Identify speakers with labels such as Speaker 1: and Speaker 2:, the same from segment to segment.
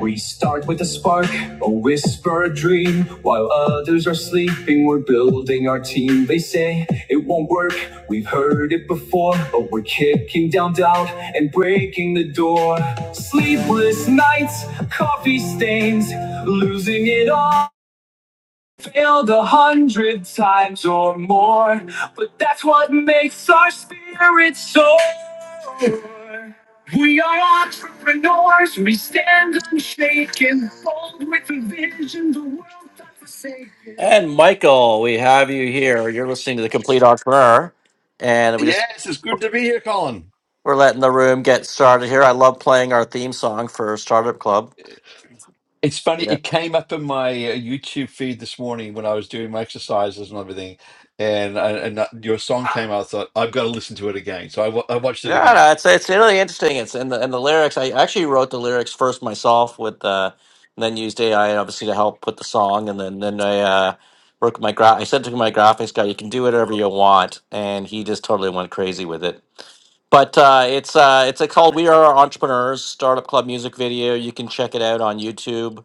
Speaker 1: We start with a spark, a whisper, a dream. While others are sleeping, we're building our team. They say it won't work, we've heard it before, but we're kicking down doubt and breaking the door. Sleepless nights, coffee stains, losing it all failed a hundred times or more, but that's what makes our spirit soar. We are entrepreneurs, we stand unshaken, bold with a vision, the world not forsaken. And Michael, we have you here. You're listening to The Complete Entrepreneur, and we just
Speaker 2: Yes, it's good to be here, Colin.
Speaker 1: we're letting the room get started here. I love playing our theme song for Startup Club.
Speaker 2: It's funny,
Speaker 1: Yeah.
Speaker 2: it came up in my uh, YouTube feed this morning when I was doing my exercises and everything, and and, and that, your song came out. I thought I've got to listen to it again, so I wa- I watched it
Speaker 1: Yeah,
Speaker 2: again.
Speaker 1: no, it's it's really interesting. It's and the and the lyrics. I actually wrote the lyrics first myself with uh, and then used AI obviously to help put the song. And then then I uh, worked with my gra- I said to my graphics guy, "You can do whatever you want," and he just totally went crazy with it. But uh, it's uh, it's uh, called "We Are Entrepreneurs" Startup Club music video. You can check it out on YouTube,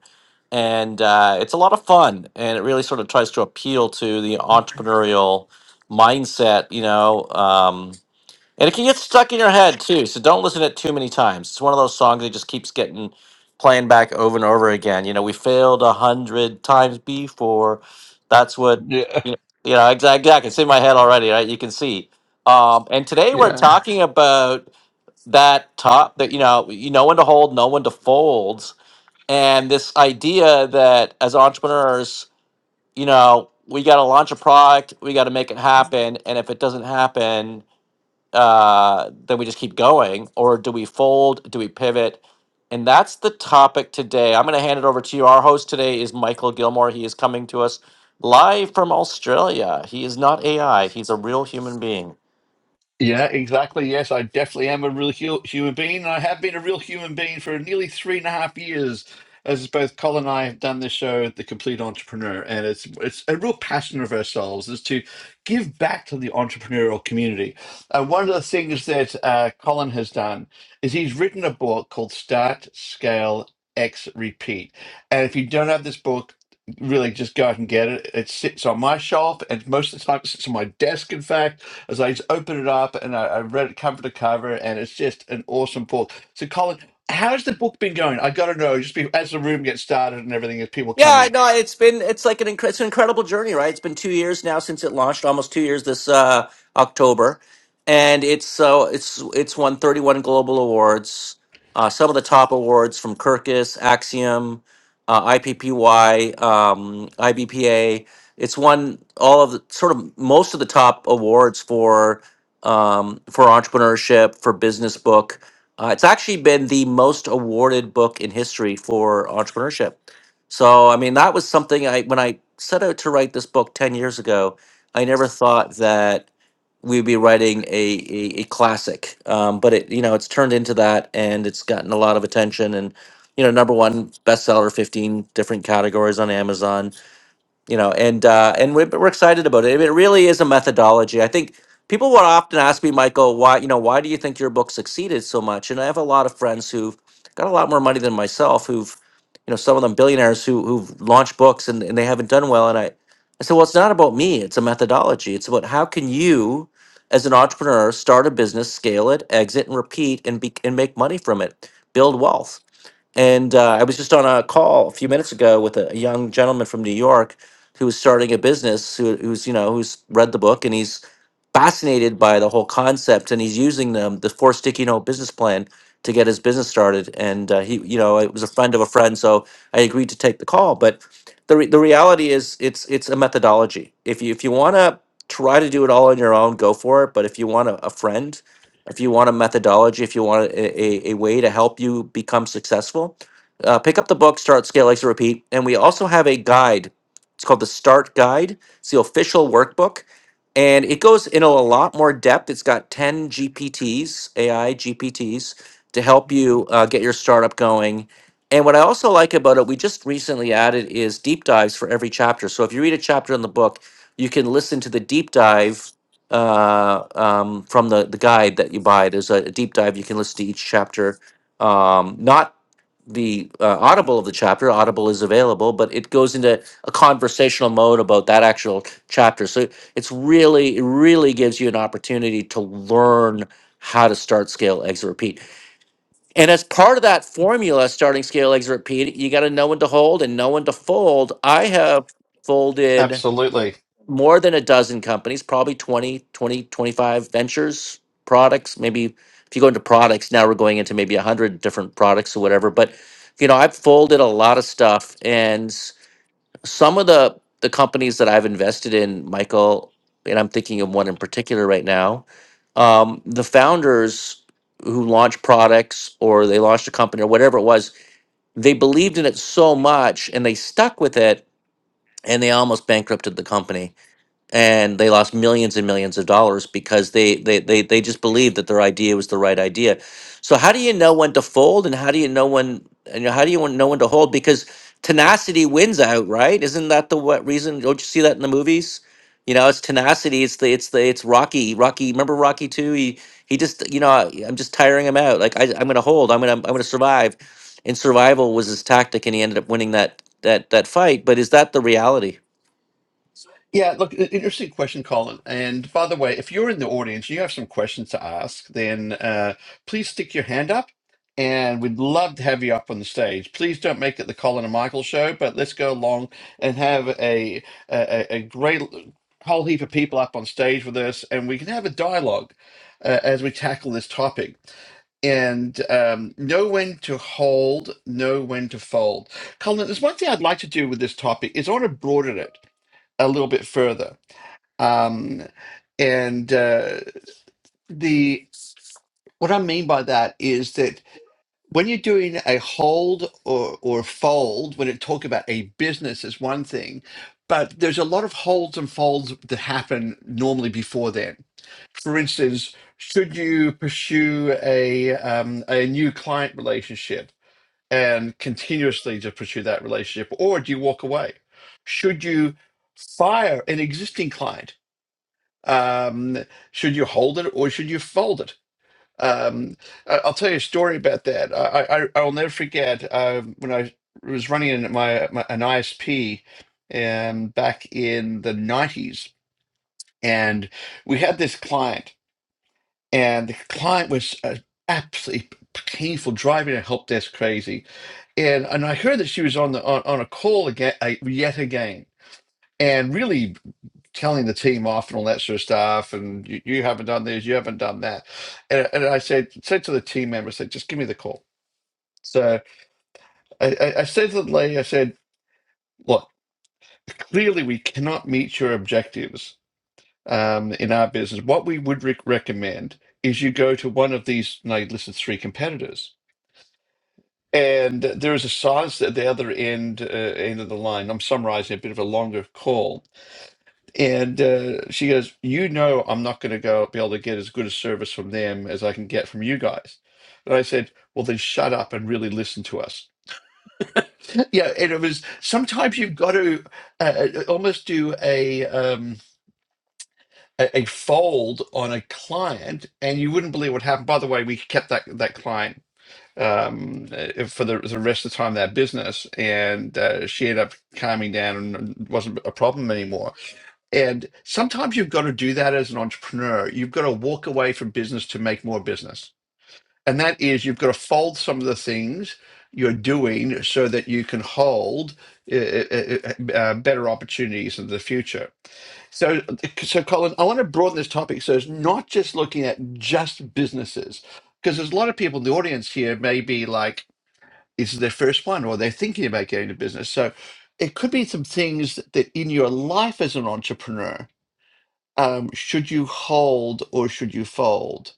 Speaker 1: and uh, it's a lot of fun. And it really sort of tries to appeal to the entrepreneurial mindset. You know. Um, and it can get stuck in your head too, so don't listen to it too many times. It's one of those songs that just keeps getting playing back over and over again. You know, we failed a hundred times before. That's what
Speaker 2: Yeah.
Speaker 1: you know, you know exactly, exactly. It's in my head already, right? You can see. Um, and today we're
Speaker 2: Yeah.
Speaker 1: talking about that top that you know, you know when to hold, know when to fold, and this idea that as entrepreneurs, you know, we got to launch a product, we got to make it happen, and if it doesn't happen, uh, then we just keep going, or do we fold? Do we pivot? And that's the topic today. I'm going to hand it over to you. Our host today is Michael Gilmore. He is coming to us live from Australia. He is not AI, he's a real human being.
Speaker 2: Yeah, exactly. Yes, I definitely am a real hu- human being, and I have been a real human being for nearly three and a half years. As both Colin and I have done this show, The Complete Entrepreneur, and it's it's a real passion of ourselves is to give back to the entrepreneurial community. And one of the things that uh, Colin has done is he's written a book called Start, Scale, X, Repeat. And if you don't have this book, really just go out and get it. It sits on my shelf, and most of the time it sits on my desk, in fact as I just opened it up and I, I read it cover to cover, and it's just an awesome book. So, Colin, how's the book been going? I got to know, just be, as the room gets started and everything, as people come
Speaker 1: Yeah,
Speaker 2: in.
Speaker 1: no. it's been it's like an incre- it's an incredible journey, right? It's been two years now since it launched, almost two years this uh, October, and it's so it's it's won thirty one global awards, uh, some of the top awards from Kirkus, Axiom, uh, IPPY, um, IBPA. It's won all of the sort of most of the top awards for um, for entrepreneurship, for business book. Uh, it's actually been the most awarded book in history for entrepreneurship so, I mean, that was something I, when I set out to write this book 10 years ago, I never thought that we'd be writing a, a, a classic. Um, but it, you know, it's turned into that and it's gotten a lot of attention and, you know, number one bestseller, 15 different categories on Amazon you know and uh and we're, we're excited about it it really is a methodology i think people would often ask me michael why you know why do you think your book succeeded so much and i have a lot of friends who've got a lot more money than myself who've you know some of them billionaires who who've launched books and, and they haven't done well and i i said well it's not about me it's a methodology it's about how can you as an entrepreneur start a business scale it exit and repeat and be and make money from it build wealth and uh, I was just on a call a few minutes ago with a, a young gentleman from New York who was starting a business. Who, who's you know who's read the book and he's fascinated by the whole concept and he's using them the four sticky note business plan to get his business started. And uh, he you know it was a friend of a friend, so I agreed to take the call. But the re- the reality is it's it's a methodology. If you if you want to try to do it all on your own, go for it. But if you want a, a friend if you want a methodology, if you want a, a, a way to help you become successful, uh, pick up the book, Start, Scale, Exit, Repeat. And we also have a guide. It's called the Start Guide. It's the official workbook. And it goes into a lot more depth. It's got 10 GPTs, AI GPTs, to help you uh, get your startup going. And what I also like about it, we just recently added is deep dives for every chapter. So if you read a chapter in the book, you can listen to the deep dive uh, um, from the, the guide that you buy. There's a, a deep dive. You can listen to each chapter. Um, not the uh, Audible of the chapter. Audible is available, but it goes into a conversational mode about that actual chapter. So it's really, it really gives you an opportunity to learn how to start scale exit repeat and as part of that formula starting scale exit repeat you got to know when to hold and know when to fold i have folded
Speaker 2: Absolutely.
Speaker 1: more than a dozen companies, probably 20, 20, 25 ventures, products. Maybe if you go into products, now we're going into maybe 100 different products or whatever. But, you know, I've folded a lot of stuff. And s- some of the, the companies that I've invested in, Michael, and I'm thinking of one in particular right now, um, the founders who launched products or they launched a company or whatever it was, they believed in it so much and they stuck with it and they almost bankrupted the company and they lost millions and millions of dollars because they they they, they just believed that their idea was the right idea so how do you know when to fold and how do you know when and how do you want- know when to hold because tenacity wins out right isn't that the what reason don't you see that in the movies you know it's tenacity it's the it's the it's rocky rocky remember rocky 2 he he just you know I, i'm just tiring him out like I, i'm gonna hold i'm gonna i'm gonna survive and survival was his tactic and he ended up winning that that that fight but is that the reality
Speaker 2: Yeah, look, i- interesting question, Colin. And by the way, if you're in the audience, you have some questions to ask, then uh, please stick your hand up and we'd love to have you up on the stage. Please don't make it the Colin and Michael show, but let's go along and have a, a, a a great whole heap of people up on stage with us and we can have a dialogue uh, as we tackle this topic and um, know when to hold, know when to fold. Colin, there's one thing I'd like to do with this topic is I want to broaden it a little bit further. Um, and uh, the what I mean by that is that when you're doing a hold or or fold, when it talk about a business is one thing, but there's a lot of holds and folds that happen normally before then. For instance, should you pursue a um, a new client relationship and continuously to pursue that relationship, or do you walk away? Should you fire an existing client? Um, should you hold it or should you fold it? Um, I- I'll tell you a story about that. I, I, I'll never forget uh, when I was running in my, my an ISP um, back in the 90s, and we had this client, and the client was uh, absolutely painful driving a help desk crazy. And and I heard that she was on the on, on a call again uh, yet again. And really telling the team off and all that sort of stuff. And you, you haven't done this, you haven't done that. And, and I said, said to the team member, I said, just give me the call. So I, I, I said to the lady, I said, look, clearly we cannot meet your objectives um, in our business. What we would rec recommend is you go to one of these, and I listed three competitors. And there is a size at the other end uh, end of the line. I'm summarizing a bit of a longer call And uh, she goes, You know, I'm not going to go be able to get as good a service from them as I can get from you guys. And I said, Well, then shut up and really listen to us. yeah. And it was sometimes you've got to uh, uh, almost do a, um, a, a fold on a client, and you wouldn't believe what happened. By the way, we kept that, that client um uh, for the, the rest of the time of that business and uh, she ended up calming down and wasn't a problem anymore And sometimes you've got to do that as an entrepreneur. You've got to walk away from business to make more business. And that is, you've got to fold some of the things you're doing so that you can hold uh, uh, uh, uh, uh, better opportunities in the future. So, so Colin, I want to broaden this topic so it's not just looking at just businesses, because there's a lot of people in the audience here may be like, this is their first one, or they're thinking about getting into business. So, it could be some things that in your life as an entrepreneur um, should you hold or should you fold?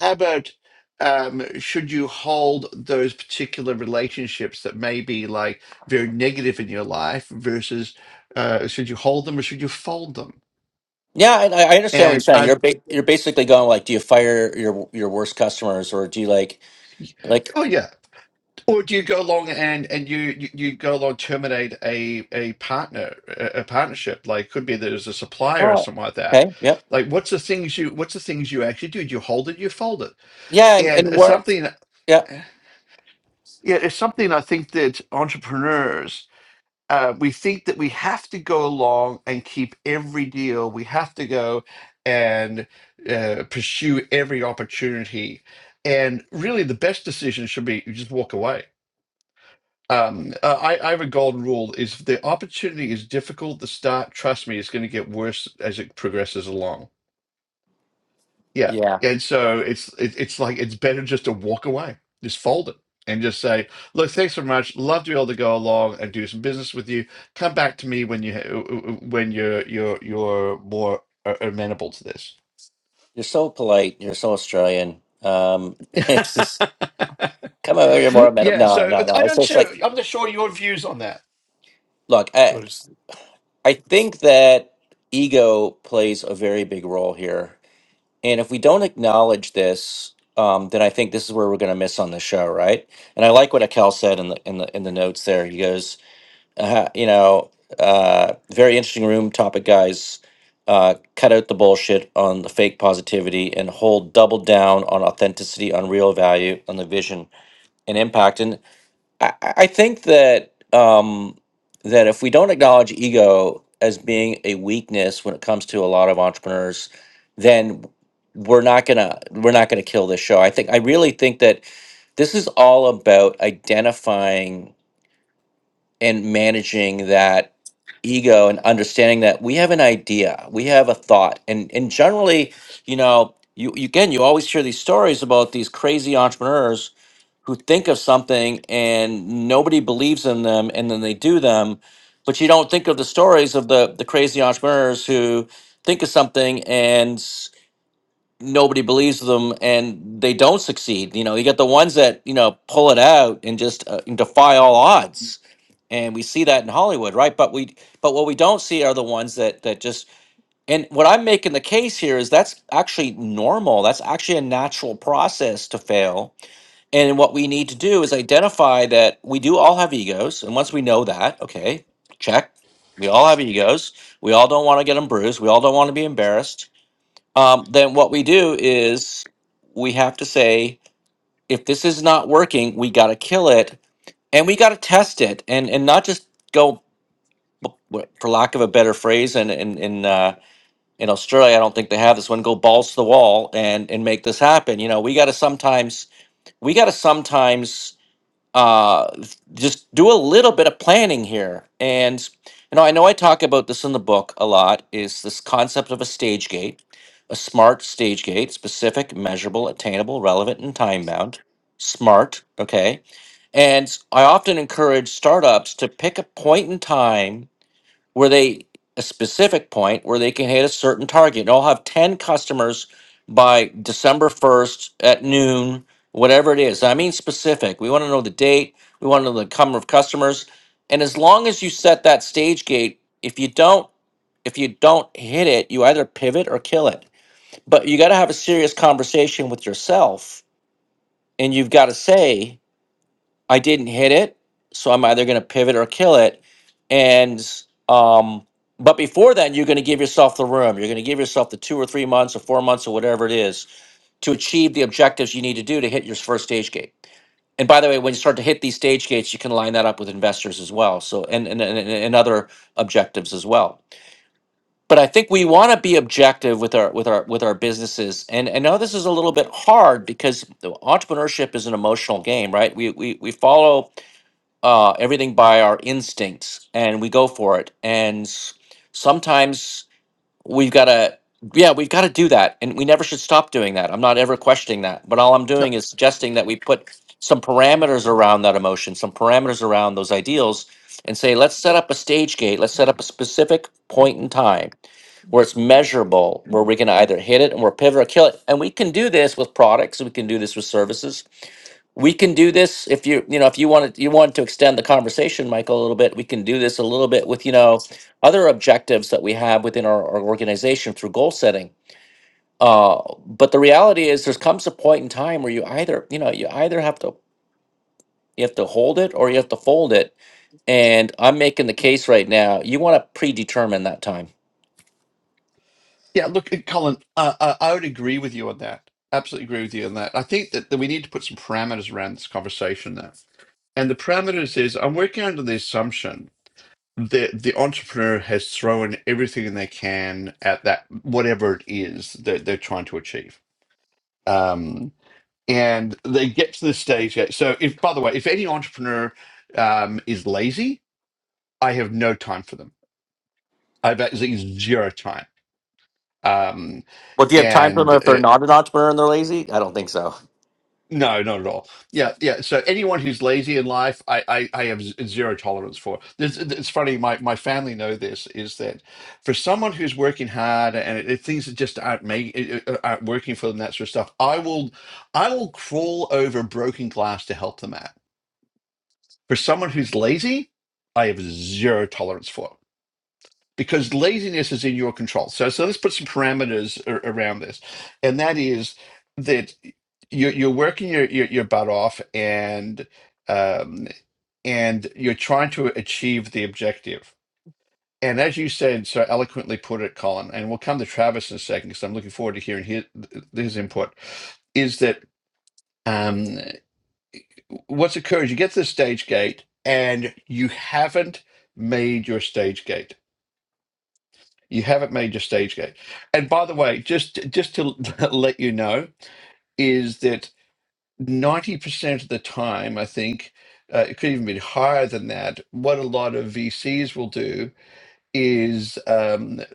Speaker 2: How about um, should you hold those particular relationships that may be like very negative in your life versus uh, should you hold them or should you fold them?
Speaker 1: Yeah, I, I understand what you're
Speaker 2: And
Speaker 1: saying.
Speaker 2: I,
Speaker 1: You're ba- you're basically going like, do you fire your your worst customers or do you like like
Speaker 2: oh yeah, or do you go along and and you you, you go along terminate a a partner a, a partnership like could be there's a supplier or
Speaker 1: oh
Speaker 2: something like that.
Speaker 1: okay yep
Speaker 2: Like what's the things you what's the things you actually do? Do you hold it? You fold it?
Speaker 1: yeah and
Speaker 2: And
Speaker 1: and
Speaker 2: it's
Speaker 1: work
Speaker 2: something.
Speaker 1: yeah
Speaker 2: Yeah, it's something I think that entrepreneurs, uh, we think that we have to go along and keep every deal. We have to go and uh, pursue every opportunity. And really, the best decision should be you just walk away. Um, uh, I, I have a golden rule is if the opportunity is difficult to start, trust me, it's going to get worse as it progresses along. Yeah.
Speaker 1: yeah
Speaker 2: And so it's it, it's like it's better just to walk away, just fold it and just say, look, thanks so much. Love to be able to go along and do some business with you. Come back to me when you ha- when you're you're you're more a- amenable to this.
Speaker 1: you're so polite you're so Australian um it's just come over here more meta
Speaker 2: yeah,
Speaker 1: no no
Speaker 2: so I
Speaker 1: no it's
Speaker 2: don't
Speaker 1: just
Speaker 2: sure
Speaker 1: like
Speaker 2: I'm not sure your views on that.
Speaker 1: look
Speaker 3: Go
Speaker 1: I
Speaker 3: to sleep.
Speaker 1: I think that ego plays a very big role here and if we don't acknowledge this um then I think this is where we're gonna miss on the show right and I like what Akel said in the in the in the notes there he goes. uh, you know, uh, very interesting room topic, guys. Uh, cut out the bullshit on the fake positivity and hold double down on authenticity, on real value, on the vision and impact. And I, I I think that um, that if we don't acknowledge ego as being a weakness when it comes to a lot of entrepreneurs, then we're not gonna we're not gonna kill this show. I think I really think that this is all about identifying and managing that ego and understanding that we have an idea we have a thought and and generally you know you you- again you always hear these stories about these crazy entrepreneurs who think of something and nobody believes in them and then they do them but you don't think of the stories of the the crazy entrepreneurs who think of something and nobody believes them and they don't succeed. You know, you get the ones that you know pull it out and just uh, defy all odds, and we see that in Hollywood, right? But we but what we don't see are the ones that that just and what I'm making the case here is that's actually normal. That's actually a natural process to fail. And what we need to do is identify that we do all have egos. And once we know that, okay, check. We all have egos. We all don't want to get them bruised. We all don't want to be embarrassed um, then what we do is we have to say if this is not working we got to kill it and we got to test it and and not just go b- w- for lack of a better phrase and in in uh, in australia i don't think they have this one go balls to the wall and and make this happen you know we got to sometimes we got to sometimes uh, just do a little bit of planning here. And you know, I know I talk about this in the book a lot. Is this concept of a stage gate, a smart stage gate, specific, measurable, attainable, relevant, and time bound. Smart, okay. And I often encourage startups to pick a point in time where they a specific point where they can hit a certain target. And I'll have 10 customers by December 1st at noon, whatever it is. I mean specific. We want to know the date, we want to know the number of customers. And as long as you set that stage gate, if you don't if you don't hit it, you either pivot or kill it. But you got to have a serious conversation with yourself and you've got to say, I didn't hit it, so I'm either going to pivot or kill it. And um, but before then, you're going to give yourself the room. You're going to give yourself the two or three months or four months or whatever it is to achieve the objectives you need to do to hit your first stage gate. And by the way, when you start to hit these stage gates, you can line that up with investors as well. So and and and, and other objectives as well. But I think we want to be objective with our with our with our businesses. And and now this is a little bit hard because entrepreneurship is an emotional game, right? We we we follow uh, everything by our instincts and we go for it. And s- sometimes we've got to, yeah, we've got to do that. And we never should stop doing that. I'm not ever questioning that. But all I'm
Speaker 2: No,
Speaker 1: doing is suggesting that we put some parameters around that emotion, some parameters around those ideals, and say, let's set up a stage gate. Let's set up a specific point in time where it's measurable, where we can either hit it and we're pivot or kill it. And we can do this with products, we can do this with services we can do this if you you know if you wanted you wanted to extend the conversation michael a little bit we can do this a little bit with you know other objectives that we have within our, our organization through goal setting uh, but the reality is there comes a point in time where you either you know you either have to you have to hold it or you have to fold it and i'm making the case right now you want to predetermine that time
Speaker 2: yeah, look, uh, Colin, uh, uh, I would agree with you on that. Absolutely agree with you on that. I think that, that we need to put some parameters around this conversation now. And the parameters is I'm working under the assumption the the entrepreneur has thrown everything they can at that whatever it is that they're trying to achieve um and they get to the stage yeah, so if by the way if any entrepreneur um is lazy i have no time for them i've actually zero time um
Speaker 1: well do you have time for them
Speaker 2: and
Speaker 1: if they're
Speaker 2: uh,
Speaker 1: not an entrepreneur and they're lazy i don't think so
Speaker 2: No, not at all. Yeah, yeah. So anyone who's lazy in life, I, I, I have z- zero tolerance for. This, it's funny. My, my family know this is that for someone who's working hard and it, it- things that just aren't make, it- it- uh, aren't working for them, that sort of stuff. I will, I will crawl over broken glass to help them out. For someone who's lazy, I have zero tolerance for because laziness is in your control. So, so let's put some parameters a- around this, and that is that you're, you're working your, your your butt off, and um, and you're trying to achieve the objective. And as you said so eloquently, put it, Colin, and we'll come to Travis in a second because I'm looking forward to hearing his, his input. Is that um, what's occurred? You get to the stage gate, and you haven't made your stage gate You haven't made your stage gate. And by the way, just just to let you know, is that ninety percent of the time, I think uh, it could even be higher than that. What a lot of VCs will do is, um, i-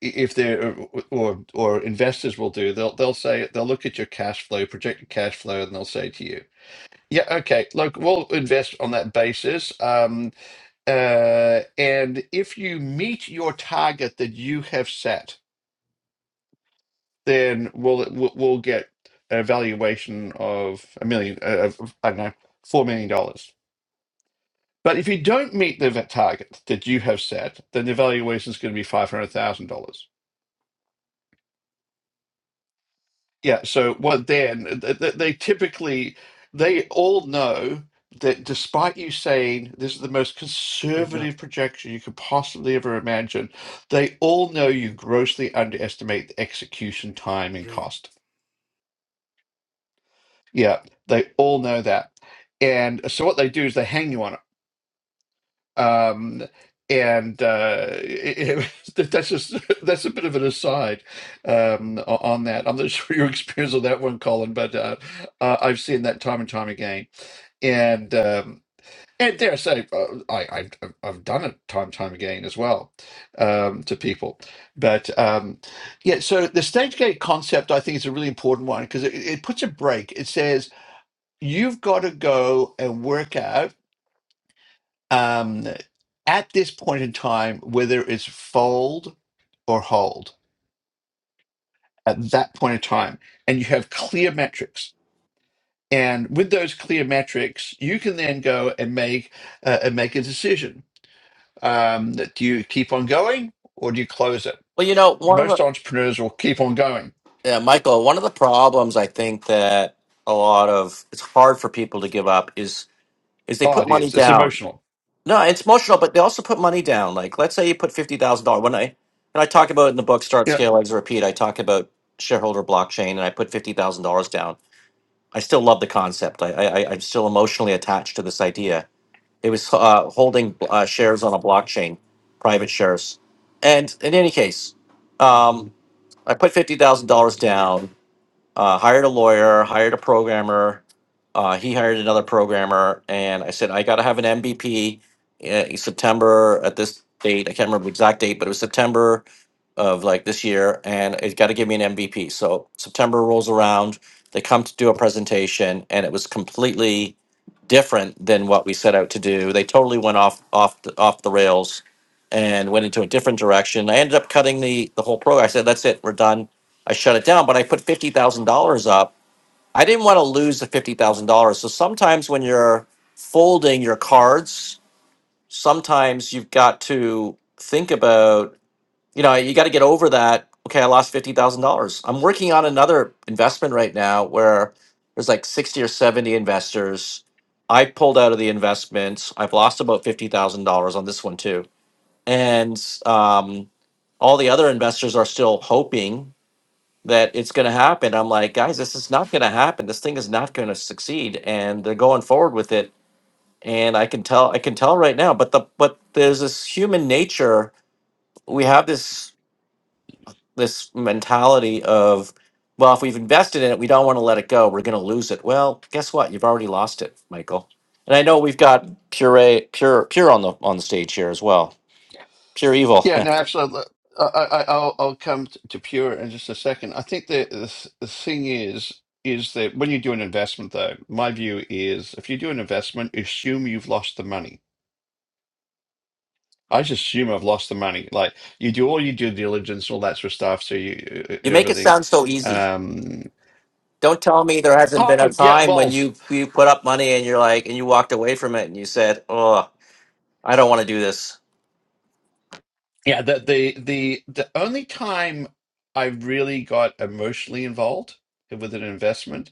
Speaker 2: if they're or or investors will do, they'll they'll say they'll look at your cash flow, projected cash flow, and they'll say to you, "Yeah, okay, look, we'll invest on that basis." Um, uh, and if you meet your target that you have set then we'll we'll we'll get a valuation of a million, uh, of, I don't know, four million dollars. But if you don't meet the vet target that you have set, then the valuation is going to be five hundred thousand dollars. Yeah. So what then? Th- th- They typically they all know that despite you saying this is the most
Speaker 3: Wake up.
Speaker 2: conservative projection you could possibly ever imagine, they all know you grossly underestimate the execution time and
Speaker 3: Three.
Speaker 2: cost Yeah, they all know that. And so what they do is they hang you on it. Um, and uh, it, it- that's just that's a bit of an aside um, o- on that. I'm not sure your experience on that one, Colin, but uh, uh, I've seen that time and time again. And um, and dare I say, uh, I, I've I've I've done it time and time again as well um, to people. But um, yeah, so the stage gate concept I think is a really important one because it, it puts a break. It says you've got to go and work out um, at this point in time whether it's fold or hold at that point in time. And you have clear metrics. And with those clear metrics, you can then go and make uh, and make a decision. Um, that do you keep on going or do you close it?
Speaker 1: well you know one of the
Speaker 2: Most entrepreneurs will keep on going.
Speaker 1: Yeah, Michael, one of the problems I think that a lot of it's hard for people to give up is is they
Speaker 2: Oh,
Speaker 1: put
Speaker 2: it
Speaker 1: money
Speaker 2: is. It's
Speaker 1: down.
Speaker 2: emotional.
Speaker 1: No, it's emotional, but they also put money down. Like let's say you put fifty thousand dollars. When I and I talk about it in the book Start Scale Exit Repeat, I talk about shareholder blockchain and I put fifty thousand dollars down. I still love the concept. I, I I- I'm still emotionally attached to this idea. It was uh, holding uh, shares on a blockchain, private shares. And in any case, um, I put fifty thousand dollars down uh, hired a lawyer, hired a programmer. Uh, he hired another programmer, and I said I got to have an MVP in September at this date. I can't remember the exact date, but it was September of like this year, and it's got to give me an MVP. So September rolls around, they come to do a presentation, and it was completely different than what we set out to do. They totally went off off the, off the rails and went into a different direction. I ended up cutting the the whole program. I said, "That's it, we're done." I shut it down, but I put fifty thousand dollars up. I didn't want to lose the fifty thousand dollars. So sometimes when you're folding your cards, sometimes you've got to think about, you know, you got to get over that. Okay, I lost fifty thousand dollars. I'm working on another investment right now where there's like sixty or seventy investors. I pulled out of the investments. I've lost about fifty thousand dollars on this one too, and um, all the other investors are still hoping that it's going to happen. I'm like, guys, this is not going to happen. This thing is not going to succeed, and they're going forward with it. And I can tell, I can tell right now. But the but there's this human nature. We have this this mentality of, well, if we've invested in it, we don't want to let it go. We're going to lose it. Well, guess what? You've already lost it, Michael. And I know we've got pure pure pure on the on the stage here as well. Pure evil.
Speaker 2: Yeah, no, absolutely. I, I, I'll, I'll come t- to Pure in just a second. I think the, the th- the thing is is that when you do an investment, though, my view is if you do an investment, assume you've lost the money. I just assume I've lost the money. Like you do all your due diligence, all that sort of stuff, so you uh,
Speaker 1: you
Speaker 2: and
Speaker 1: make it
Speaker 2: everything.
Speaker 1: sound so easy.
Speaker 2: Um,
Speaker 1: Don't tell me there hasn't been a
Speaker 2: oh yeah,
Speaker 1: time when
Speaker 2: well,
Speaker 1: you you put up money and you're like and you walked away from it and you said, "Oh, I don't want to do this."
Speaker 2: yeah. The the the the only time I really got emotionally involved with an investment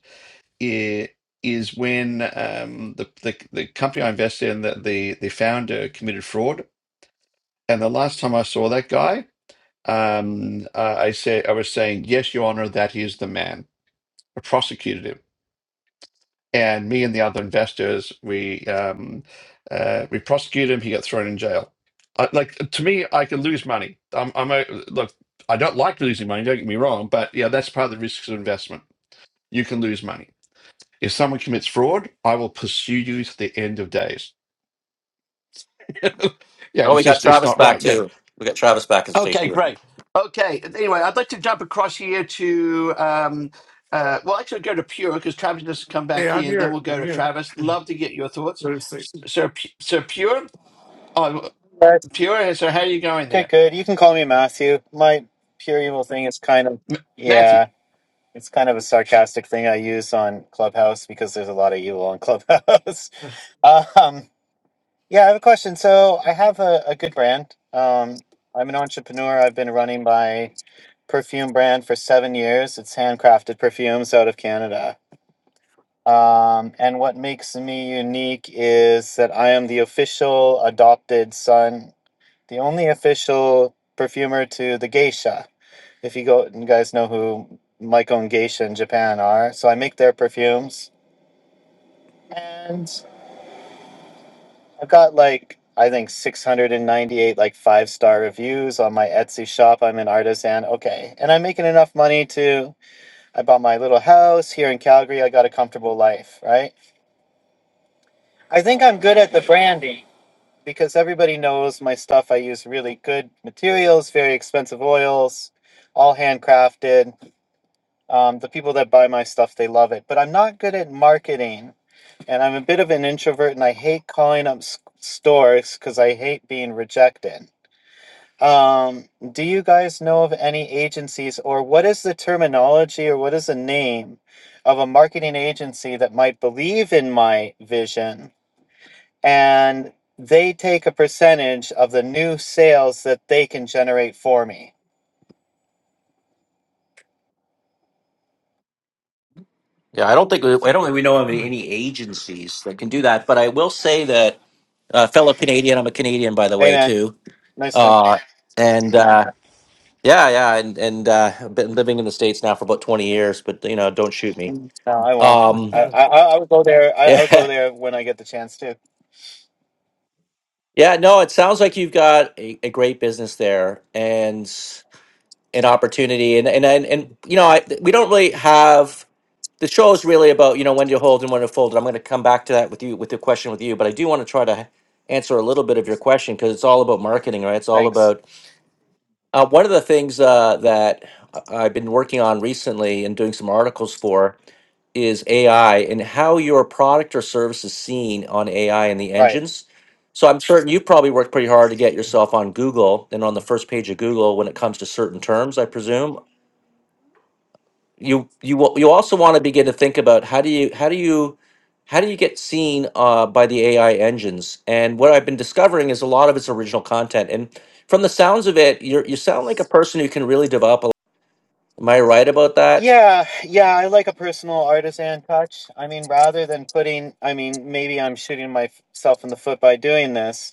Speaker 2: i- is when um, the, the the company I invested in, that the the founder committed fraud. And the last time I saw that guy, um, uh, I said I was saying, "Yes, Your Honor, that is the man." I prosecuted him, and me and the other investors, we um, uh, we prosecuted him. He got thrown in jail. I, like to me, I can lose money. I'm, I'm a, look. I don't like losing money. Don't get me wrong, but yeah, that's part of the risks of investment. You can lose money. If someone commits fraud, I will pursue you to the end of days. yeah,
Speaker 1: Oh,
Speaker 2: it's
Speaker 1: we got
Speaker 2: just it's
Speaker 1: Travis
Speaker 2: not
Speaker 1: back
Speaker 2: right. Yeah.
Speaker 1: too. We got Travis back in stage
Speaker 2: Okay,
Speaker 1: two. with me.
Speaker 2: great. Okay. Anyway, I'd like to jump across here to um uh well actually go to Pure because Travis doesn't come
Speaker 3: Hey,
Speaker 2: back
Speaker 3: I'm
Speaker 2: in, then
Speaker 3: here.
Speaker 2: we'll go
Speaker 3: I'm
Speaker 2: to
Speaker 3: here.
Speaker 2: Travis. Love to get your thoughts.
Speaker 3: Go to sleep.
Speaker 2: So P- so Pure oh
Speaker 4: Yes.
Speaker 2: Pure, uh, so how are you going
Speaker 4: Okay,
Speaker 2: there?
Speaker 4: good. You can call me Matthew. My pure evil thing is kind of,
Speaker 2: M- Matthew.
Speaker 4: yeah, it's kind of a sarcastic thing I use on Clubhouse because there's a lot of evil on Clubhouse. um, yeah, I have a question. So I have a, a good brand. Um, I'm an entrepreneur. I've been running my perfume brand for seven years. It's handcrafted perfumes out of Canada. Um, and what makes me unique is that I am the official adopted son the only official perfumer to the geisha. If you go, you guys know who Maiko and Geisha in Japan are. So I make their perfumes, and I've got like I think 698 like five star reviews on my Etsy shop. I'm an artisan, okay, and I'm making enough money to. I bought my little house here in Calgary. I got a comfortable life, right? I think I'm good at the branding because everybody knows my stuff. I use really good materials, very expensive oils, all handcrafted Um, the people that buy my stuff, they love it. But I'm not good at marketing, and I'm a bit of an introvert, and I hate calling up s- stores because I hate being rejected. Um, do you guys know of any agencies, or what is the terminology, or what is the name of a marketing agency that might believe in my vision and they take a percentage of the new sales that they can generate for me?
Speaker 1: Yeah, I don't think we, I don't think we know of any agencies that can do that. But I will say that uh, fellow Canadian, I'm a Canadian by the way
Speaker 4: Amen.
Speaker 1: too.
Speaker 4: Nice. to
Speaker 1: Uh, and uh, yeah, yeah, and and uh, I've been living in the states now for about 20 years. But you know, don't shoot me.
Speaker 4: No, I won't.
Speaker 1: Um,
Speaker 4: I, I
Speaker 3: Um,
Speaker 4: I would go there. I, I would go there when I get the chance to.
Speaker 1: Yeah, no, it sounds like you've got a, a great business there and an opportunity. And and and, and you know, I, we don't really have the show is really about you know when to hold and when to fold. And I'm going to come back to that with you with the question with you, but I do want to try to answer a little bit of your question because it's all about marketing, right? It's all
Speaker 4: Thanks.
Speaker 1: about uh, one of the things uh, that I- I've been working on recently and doing some articles for is AI and how your product or service is seen on AI and the
Speaker 4: Right.
Speaker 1: engines. So I'm certain you probably worked pretty hard to get yourself on Google and on the first page of Google when it comes to certain terms, I presume. You you wa- you also want to begin to think about how do you how do you how do you get seen uh, by the AI engines? And what I've been discovering is a lot of it's original content. And from the sounds of it, you you sound like a person who can really develop. A, am I right about that?
Speaker 4: Yeah, yeah. I like a personal artisan touch. I mean, rather than putting. I mean, maybe I'm shooting myself in the foot by doing this,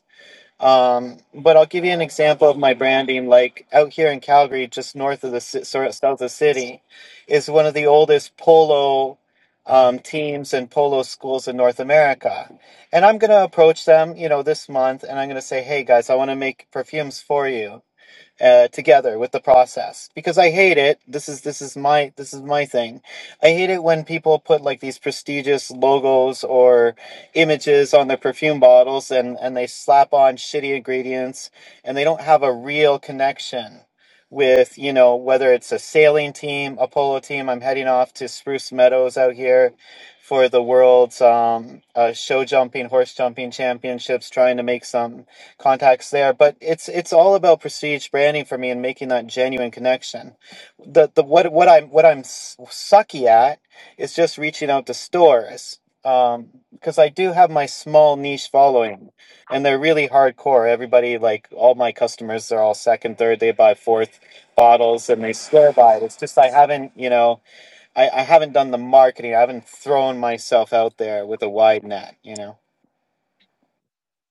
Speaker 4: Um, but I'll give you an example of my branding. Like out here in Calgary, just north of the ci- sort of south of the city, is one of the oldest polo um, teams and polo schools in North America. And I'm going to approach them, you know, this month, and I'm going to say, "Hey guys, I want to make perfumes for you." uh, together with the process because I hate it. This is this is my this is my thing. I hate it when people put like these prestigious logos or images on their perfume bottles and and they slap on shitty ingredients and they don't have a real connection with you know whether it's a sailing team, a polo team. I'm heading off to Spruce Meadows out here for the world's um, uh, show jumping, horse jumping championships, trying to make some contacts there but it's it's all about prestige branding for me and making that genuine connection the the what what i'm what i'm s- sucky at is just reaching out to stores um because i do have my small niche following and they're really hardcore everybody like all my customers are all second third they buy fourth bottles and they swear by it it's just i haven't you know i, I haven't done the marketing i haven't thrown myself out there with a wide net you know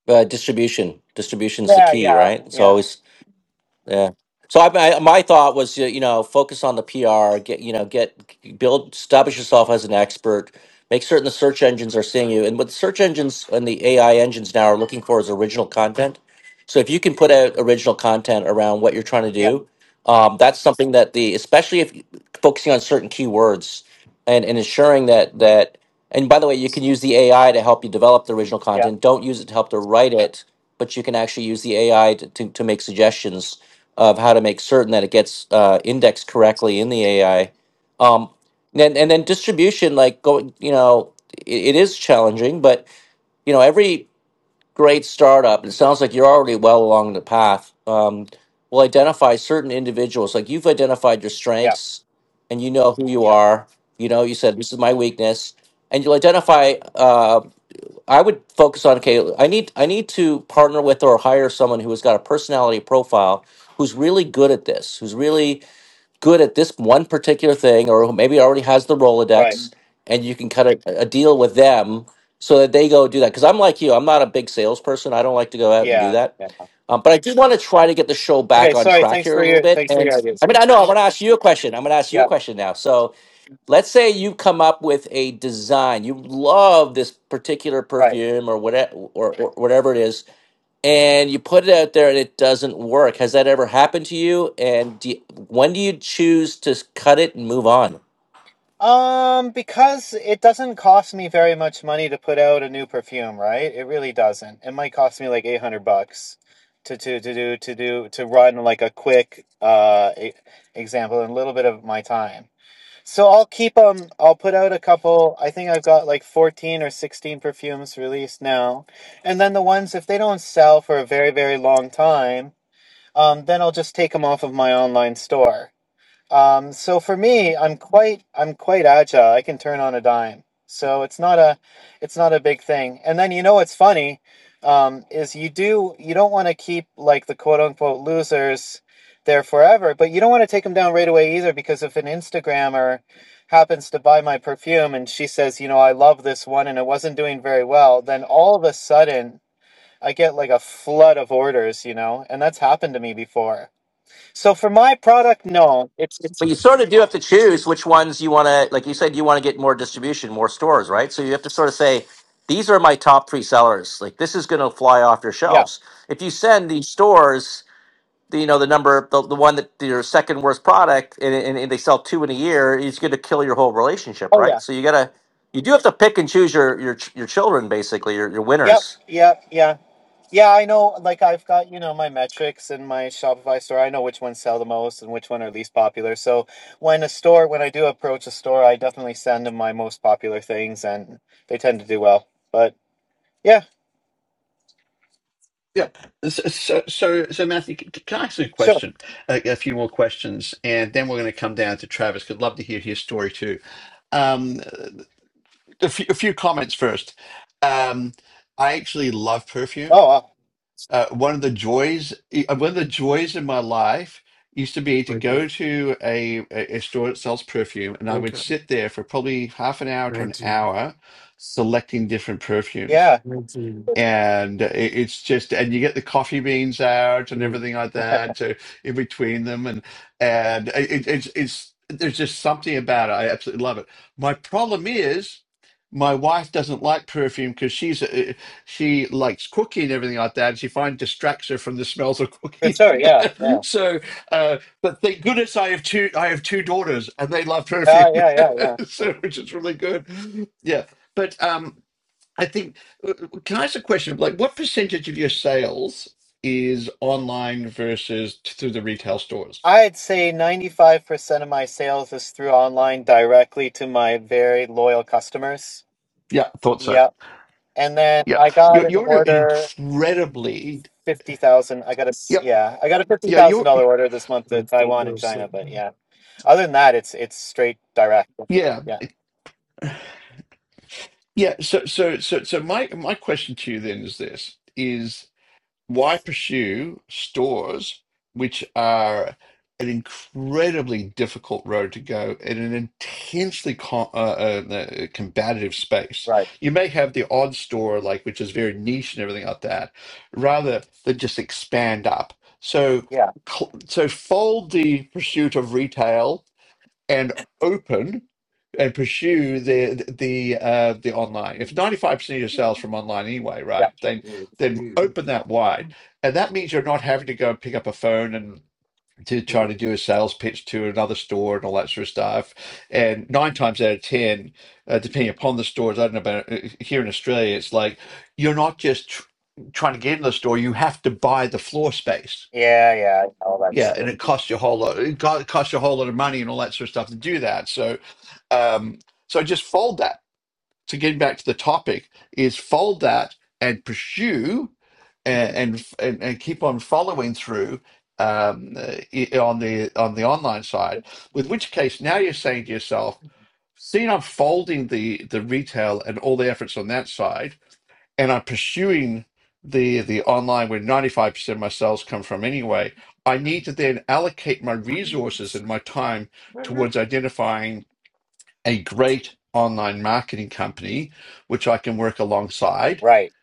Speaker 1: Uh, distribution, distribution's the
Speaker 4: Yeah.
Speaker 1: key,
Speaker 4: yeah
Speaker 1: right? It's
Speaker 4: yeah
Speaker 1: always Yeah. So I, I my thought was uh, you know focus on the PR, get you know get build establish yourself as an expert, make certain the search engines are seeing you, and what the search engines and the AI engines now are looking for is original content. So if you can put out original content around what you're trying to
Speaker 4: yeah
Speaker 1: do, um, that's something that the especially if you- focusing on certain keywords and and ensuring that that and by the way you can use the ai to help you develop the original
Speaker 4: yeah
Speaker 1: content don't use it to help to write it but you can actually use the ai to, to, to make suggestions of how to make certain that it gets uh, indexed correctly in the ai um, and, and then distribution like going you know it, it is challenging but you know every great startup. It sounds like you're already well along the path. Um, will identify certain individuals. Like you've identified your
Speaker 4: yeah
Speaker 1: strengths, and you know who you
Speaker 4: Yeah.
Speaker 1: are. You know, you said this is my weakness, and you'll identify. Uh, I would focus on okay. I need I need to partner with or hire someone who has got a personality profile who's really good at this, who's really good at this one particular thing or who maybe already has the
Speaker 4: Right.
Speaker 1: Rolodex and you can cut a, a deal with them so that they go do that. Because I'm like you, I'm not a big salesperson. I don't like to go out and do
Speaker 4: Yeah.
Speaker 1: that.
Speaker 4: Yeah.
Speaker 1: Um, but I do want to try to get the show back
Speaker 4: Okay.
Speaker 1: on
Speaker 4: Sorry.
Speaker 1: track
Speaker 4: Thanks
Speaker 1: here a
Speaker 4: for
Speaker 1: little
Speaker 4: your
Speaker 1: bit.
Speaker 4: thanks for
Speaker 1: And
Speaker 4: your ideas.
Speaker 1: I mean,
Speaker 4: Ian.
Speaker 1: I know I want to ask you a question. I'm going to ask you a
Speaker 4: Yeah.
Speaker 1: question now. So let's say you come up with a design. You love this particular
Speaker 4: Right.
Speaker 1: perfume or whatever, or, or whatever it is and you put it out there and it doesn't work. Has that ever happened to you? And do you- when do you choose to cut it and move on?
Speaker 4: Um, because it doesn't cost me very much money to put out a new perfume, right? It really doesn't. It might cost me like eight hundred bucks to to to do to do to run like a quick uh e- example and a little bit of my time. So I'll keep them. I'll put out a couple. I think I've got like fourteen or sixteen perfumes released now, and then the ones if they don't sell for a very very long time. um, then I'll just take them off of my online store. Um, so for me, I'm quite I'm quite agile. I can turn on a dime. So it's not a it's not a big thing. And then you know what's funny um, is you do you don't want to keep like the quote unquote losers there forever, but you don't want to take them down right away either because if an Instagrammer happens to buy my perfume and she says, you know, I love this one and it wasn't doing very well, then all of a sudden I get like a flood of orders, you know, and that's happened to me before so for my product, no, it's it's
Speaker 1: But you sort of do have to choose which ones you want to, like you said, you want to get more distribution, more stores, right? So you have to sort of say, these are my top three sellers. Like this is going to fly off your
Speaker 4: yeah.
Speaker 1: shelves. If you send these stores, the, you know, the number, the, the one that your second worst product, and, and, and they sell two in a year, it's going to kill your whole relationship,
Speaker 4: Oh
Speaker 1: right?
Speaker 4: yeah.
Speaker 1: So you got to, you do have to pick and choose your your your children, basically, your your
Speaker 4: Yep.
Speaker 1: winners.
Speaker 4: Yep. Yeah. Yeah. I know. Like I've got you know my metrics in my Shopify store. I know which ones sell the most and which one are least popular. So when a store, when I do approach a store, I definitely send them my most popular things, and they tend to do well. But yeah,
Speaker 2: Yeah. So, so, so, so Matthew, c- c- can I ask you a
Speaker 4: sure.
Speaker 2: question? A, a few more questions, and then we're going to come down to Travis. Could love to hear his story too. Um, a few, a few comments first. Um, I actually love perfume.
Speaker 4: Oh well.
Speaker 2: Uh, one of the joys, e, uh, one of the joys in my life used to be to
Speaker 3: wake up.
Speaker 2: go to a, a a store that sells perfume, and I
Speaker 3: Wake
Speaker 2: would
Speaker 3: up.
Speaker 2: sit there for probably half an hour to an
Speaker 3: 19.
Speaker 2: hour selecting different perfumes
Speaker 4: Yeah.
Speaker 3: 19.
Speaker 2: and it, it's just and you get the coffee beans out and
Speaker 3: Three.
Speaker 2: everything like that so in between them and and it, it's it's there's just something about it i absolutely love it my problem is my wife doesn't like perfume because she's uh, she likes cooking and everything like that and she finds distracts her from the smells of
Speaker 4: For
Speaker 2: cooking
Speaker 4: sure. Yeah. Yeah.
Speaker 2: so uh but thank goodness i have two i have two daughters and they love perfume
Speaker 4: Uh, yeah. Yeah. Yeah.
Speaker 2: so which is really good yeah but um I think, can I ask a question? Like, what percentage of your sales is online versus t- through the retail stores?
Speaker 4: I'd say 95% of my sales is through online directly to my very loyal customers.
Speaker 2: Yeah, thought so.
Speaker 4: Yeah. And then
Speaker 2: Yeah.
Speaker 4: I got
Speaker 2: You're,
Speaker 4: an
Speaker 2: you're in an
Speaker 4: order
Speaker 2: incredibly,
Speaker 4: fifty thousand. I got a
Speaker 2: yep.
Speaker 4: yeah, I got a fifty
Speaker 2: Yeah,
Speaker 4: thousand
Speaker 2: you're,
Speaker 4: dollar order this month to Taiwan
Speaker 3: Go
Speaker 4: and
Speaker 3: to
Speaker 4: China.
Speaker 3: sleep.
Speaker 4: But yeah,
Speaker 3: Stop.
Speaker 4: other than that, it's it's straight direct.
Speaker 2: yeah.
Speaker 4: Yeah,
Speaker 2: Yeah. So, so, so, so my, my question to you then is this, Is why pursue stores which are an incredibly difficult road to go in an intensely co uh, uh, uh, combative space?
Speaker 4: right.
Speaker 2: You may have the odd store, like which is very niche and everything like that, rather than just expand up. So,
Speaker 4: Yeah,
Speaker 2: cl- so fold the pursuit of retail and open and pursue the the uh, the online. If ninety five percent of your sales from online anyway, right?
Speaker 4: yeah,
Speaker 2: Then
Speaker 3: Yeah,
Speaker 2: then
Speaker 3: two,
Speaker 2: open that wide, and that means you're not having to go and pick up a phone and to try to do a sales pitch to another store and all that sort of stuff. And nine times out of ten, uh, depending upon the stores, I don't know about uh, here in Australia, it's like you're not just tr- trying to get into the store; you have to buy the floor space
Speaker 4: yeah, yeah. All that
Speaker 2: yeah, and
Speaker 4: stuff.
Speaker 2: it costs you a whole lot. It co- it costs you a whole lot of money and all that sort of stuff to do that. So, um, so just fold that. To get back to the topic, is fold that and pursue and and and, and keep on following through um, uh, i- on the on the online side. With which case, now you're saying to yourself, "Seeing I'm folding the the retail and all the efforts on that side." and I'm pursuing the the online where 95% of my sales come from anyway, I need to then allocate my resources and my time
Speaker 3: two.
Speaker 2: towards identifying a great online marketing company which I can work alongside.
Speaker 4: Right.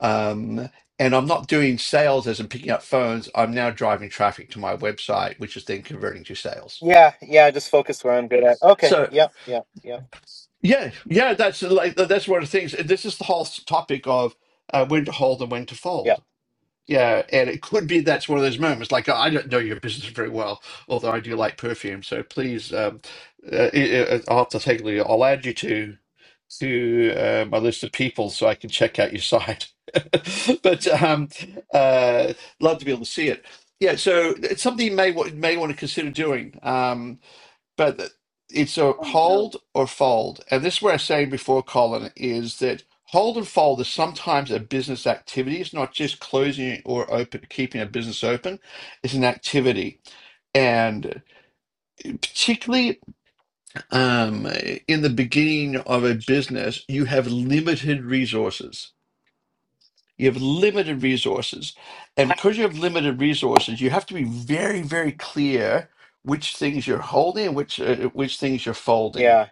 Speaker 2: Um, and I'm not doing sales as in picking up phones. I'm now driving traffic to my website, which is then converting to sales.
Speaker 4: Yeah, yeah. Just focus where I'm good at. Okay.
Speaker 2: So
Speaker 4: Yep. Yep. Yep.
Speaker 2: yeah, yeah, that's like that's one of the things. This is the whole topic of uh, when to hold and when to fold
Speaker 4: Yep.
Speaker 2: Yeah, and it could be that's one of those moments. Like I don't know your business very well, although I do like perfume. So please, um, uh, i i I'll have to take a look. I'll add you to to uh, my list of people so I can check out your site. But um, uh, love to be able to see it. Yeah, so it's something you may wa- may want to consider doing. Um, but it's a hold or fold. And this is what I was saying before, Colin, is that hold and fold is sometimes a business activity. It's not just closing or open, keeping a business open. It's an activity, and particularly um, in the beginning of a business, you have limited resources. You have limited resources, and because you have limited resources, you have to be very, very clear which things you're holding and which uh, which things you're folding
Speaker 4: Yeah.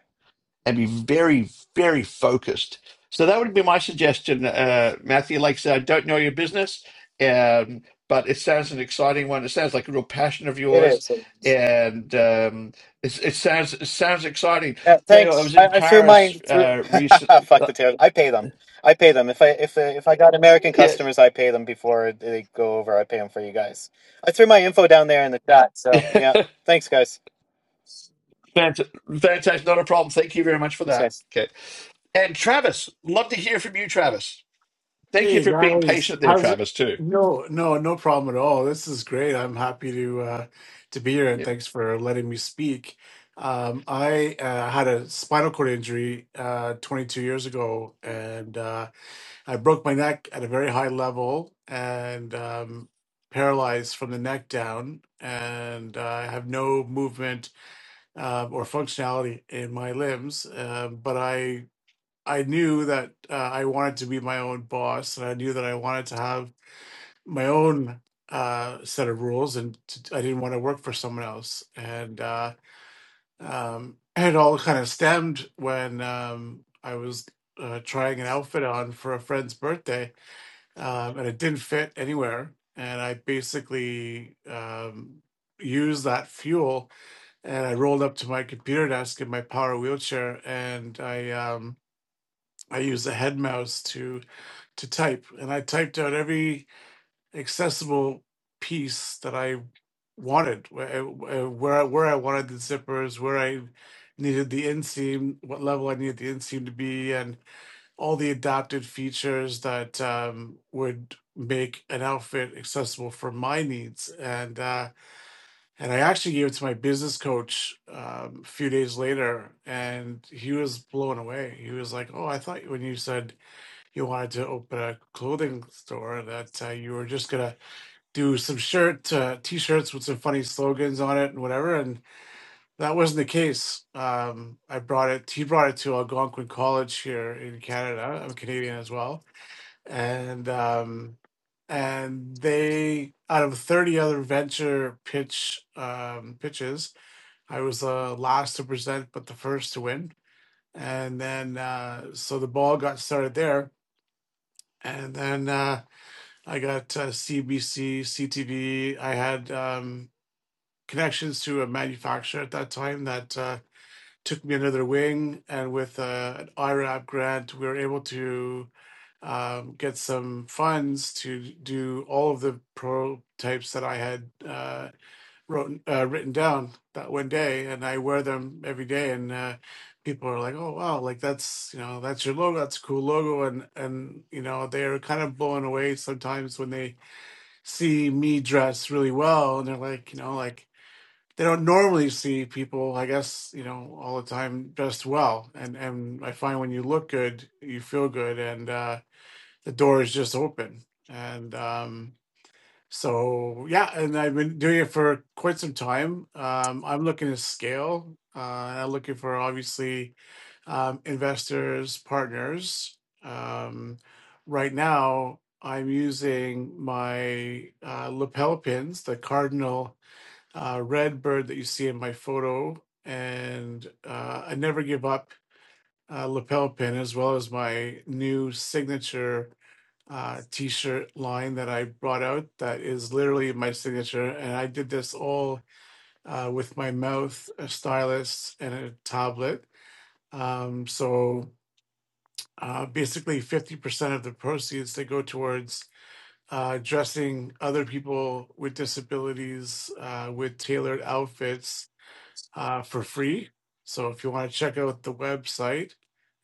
Speaker 2: and be very, very focused. So that would be my suggestion, uh, Matthew. Like I said, I don't know your business, um, but it sounds an exciting one. It sounds like a real passion of
Speaker 4: It
Speaker 2: yours,
Speaker 4: is.
Speaker 2: and um, it, it sounds it sounds exciting.
Speaker 4: Yeah,
Speaker 2: Tell you, what, I
Speaker 4: thanks.
Speaker 2: was in
Speaker 4: I, I threw
Speaker 2: Paris
Speaker 4: my threw,
Speaker 2: uh, recent.
Speaker 4: fuck
Speaker 2: Uh,
Speaker 4: the tariff. I pay them. I pay them. If I if uh, if I got American
Speaker 2: yeah,
Speaker 4: customers, I pay them before they go over. I pay them for you guys. I threw my info down there in the chat. So yeah, thanks guys.
Speaker 2: Fant- fantastic. Not a problem. Thank you very much for
Speaker 4: Thanks
Speaker 2: that.
Speaker 4: guys.
Speaker 2: Okay, and Travis, love to hear from you, Travis. Thank you
Speaker 3: Hey
Speaker 2: for being
Speaker 3: guys,
Speaker 2: patient there,
Speaker 3: how's it?
Speaker 2: Travis. Too.
Speaker 3: No, no, no problem at all. This is great. I'm happy to uh, to be here,
Speaker 2: Yeah.
Speaker 3: and thanks for letting me speak. Um, I uh, had a spinal cord injury uh, 22 years ago, and uh, I broke my neck at a very high level and um, paralyzed from the neck down, and uh, I have no movement uh, or functionality in my limbs. Uh, but I I knew that uh, I wanted to be my own boss, and I knew that I wanted to have my own uh, set of rules, and t- I didn't want to work for someone else. And uh, um, it all kind of stemmed when um, I was uh, trying an outfit on for a friend's birthday, um, and it didn't fit anywhere. And I basically um, used that fuel, and I rolled up to my computer desk in my power wheelchair, and I. Um, I use a head mouse to to type, and I typed out every accessible piece that I wanted, where uh, where I, where I wanted the zippers, where I needed the inseam, what level I needed the inseam to be, and all the adapted features that um, would make an outfit accessible for my needs. And uh, and I actually gave it to my business coach um, a few days later, and he was blown away. He was like, "Oh, I thought when you said." you wanted to open a clothing store that uh, you were just gonna do some shirt uh, t-shirts with some funny slogans on it and whatever and that wasn't the case um, i brought it he brought it to algonquin college here in canada i'm canadian as well and um, and they out of 30 other venture pitch um, pitches I was the last to present, but the first to win. And then, uh, so the ball got started there. And then, uh, I got uh, CBC, CTV. I had um, connections to a manufacturer at that time that uh, took me under their wing. And with uh, an IRAP grant, we were able to um, get some funds to do all of the prototypes that I had uh, wrote, uh, written down that one day. And I wear them every day. And uh, people are like, oh, wow, like that's, you know, that's your logo. That's a cool logo. And, and you know, they're kind of blown away sometimes when they see me dress really well and they're like you know like they don't normally see people i guess you know all the time dressed well and and i find when you look good you feel good and uh the door is just open and um so yeah and i've been doing it for quite some time um i'm looking to scale uh and i'm looking for obviously um, investors, partners. Um, right now, I'm using my uh, lapel pins, the cardinal uh, red bird that you see in my photo, and uh, a never give up uh, lapel pin, as well as my new signature uh, t shirt line that I brought out that is literally my signature. And I did this all uh, with my mouth, a stylus, and a tablet. Um, so uh, basically, 50% of the proceeds they go towards uh, dressing other people with disabilities uh, with tailored outfits uh, for free. So if you want to check out the website,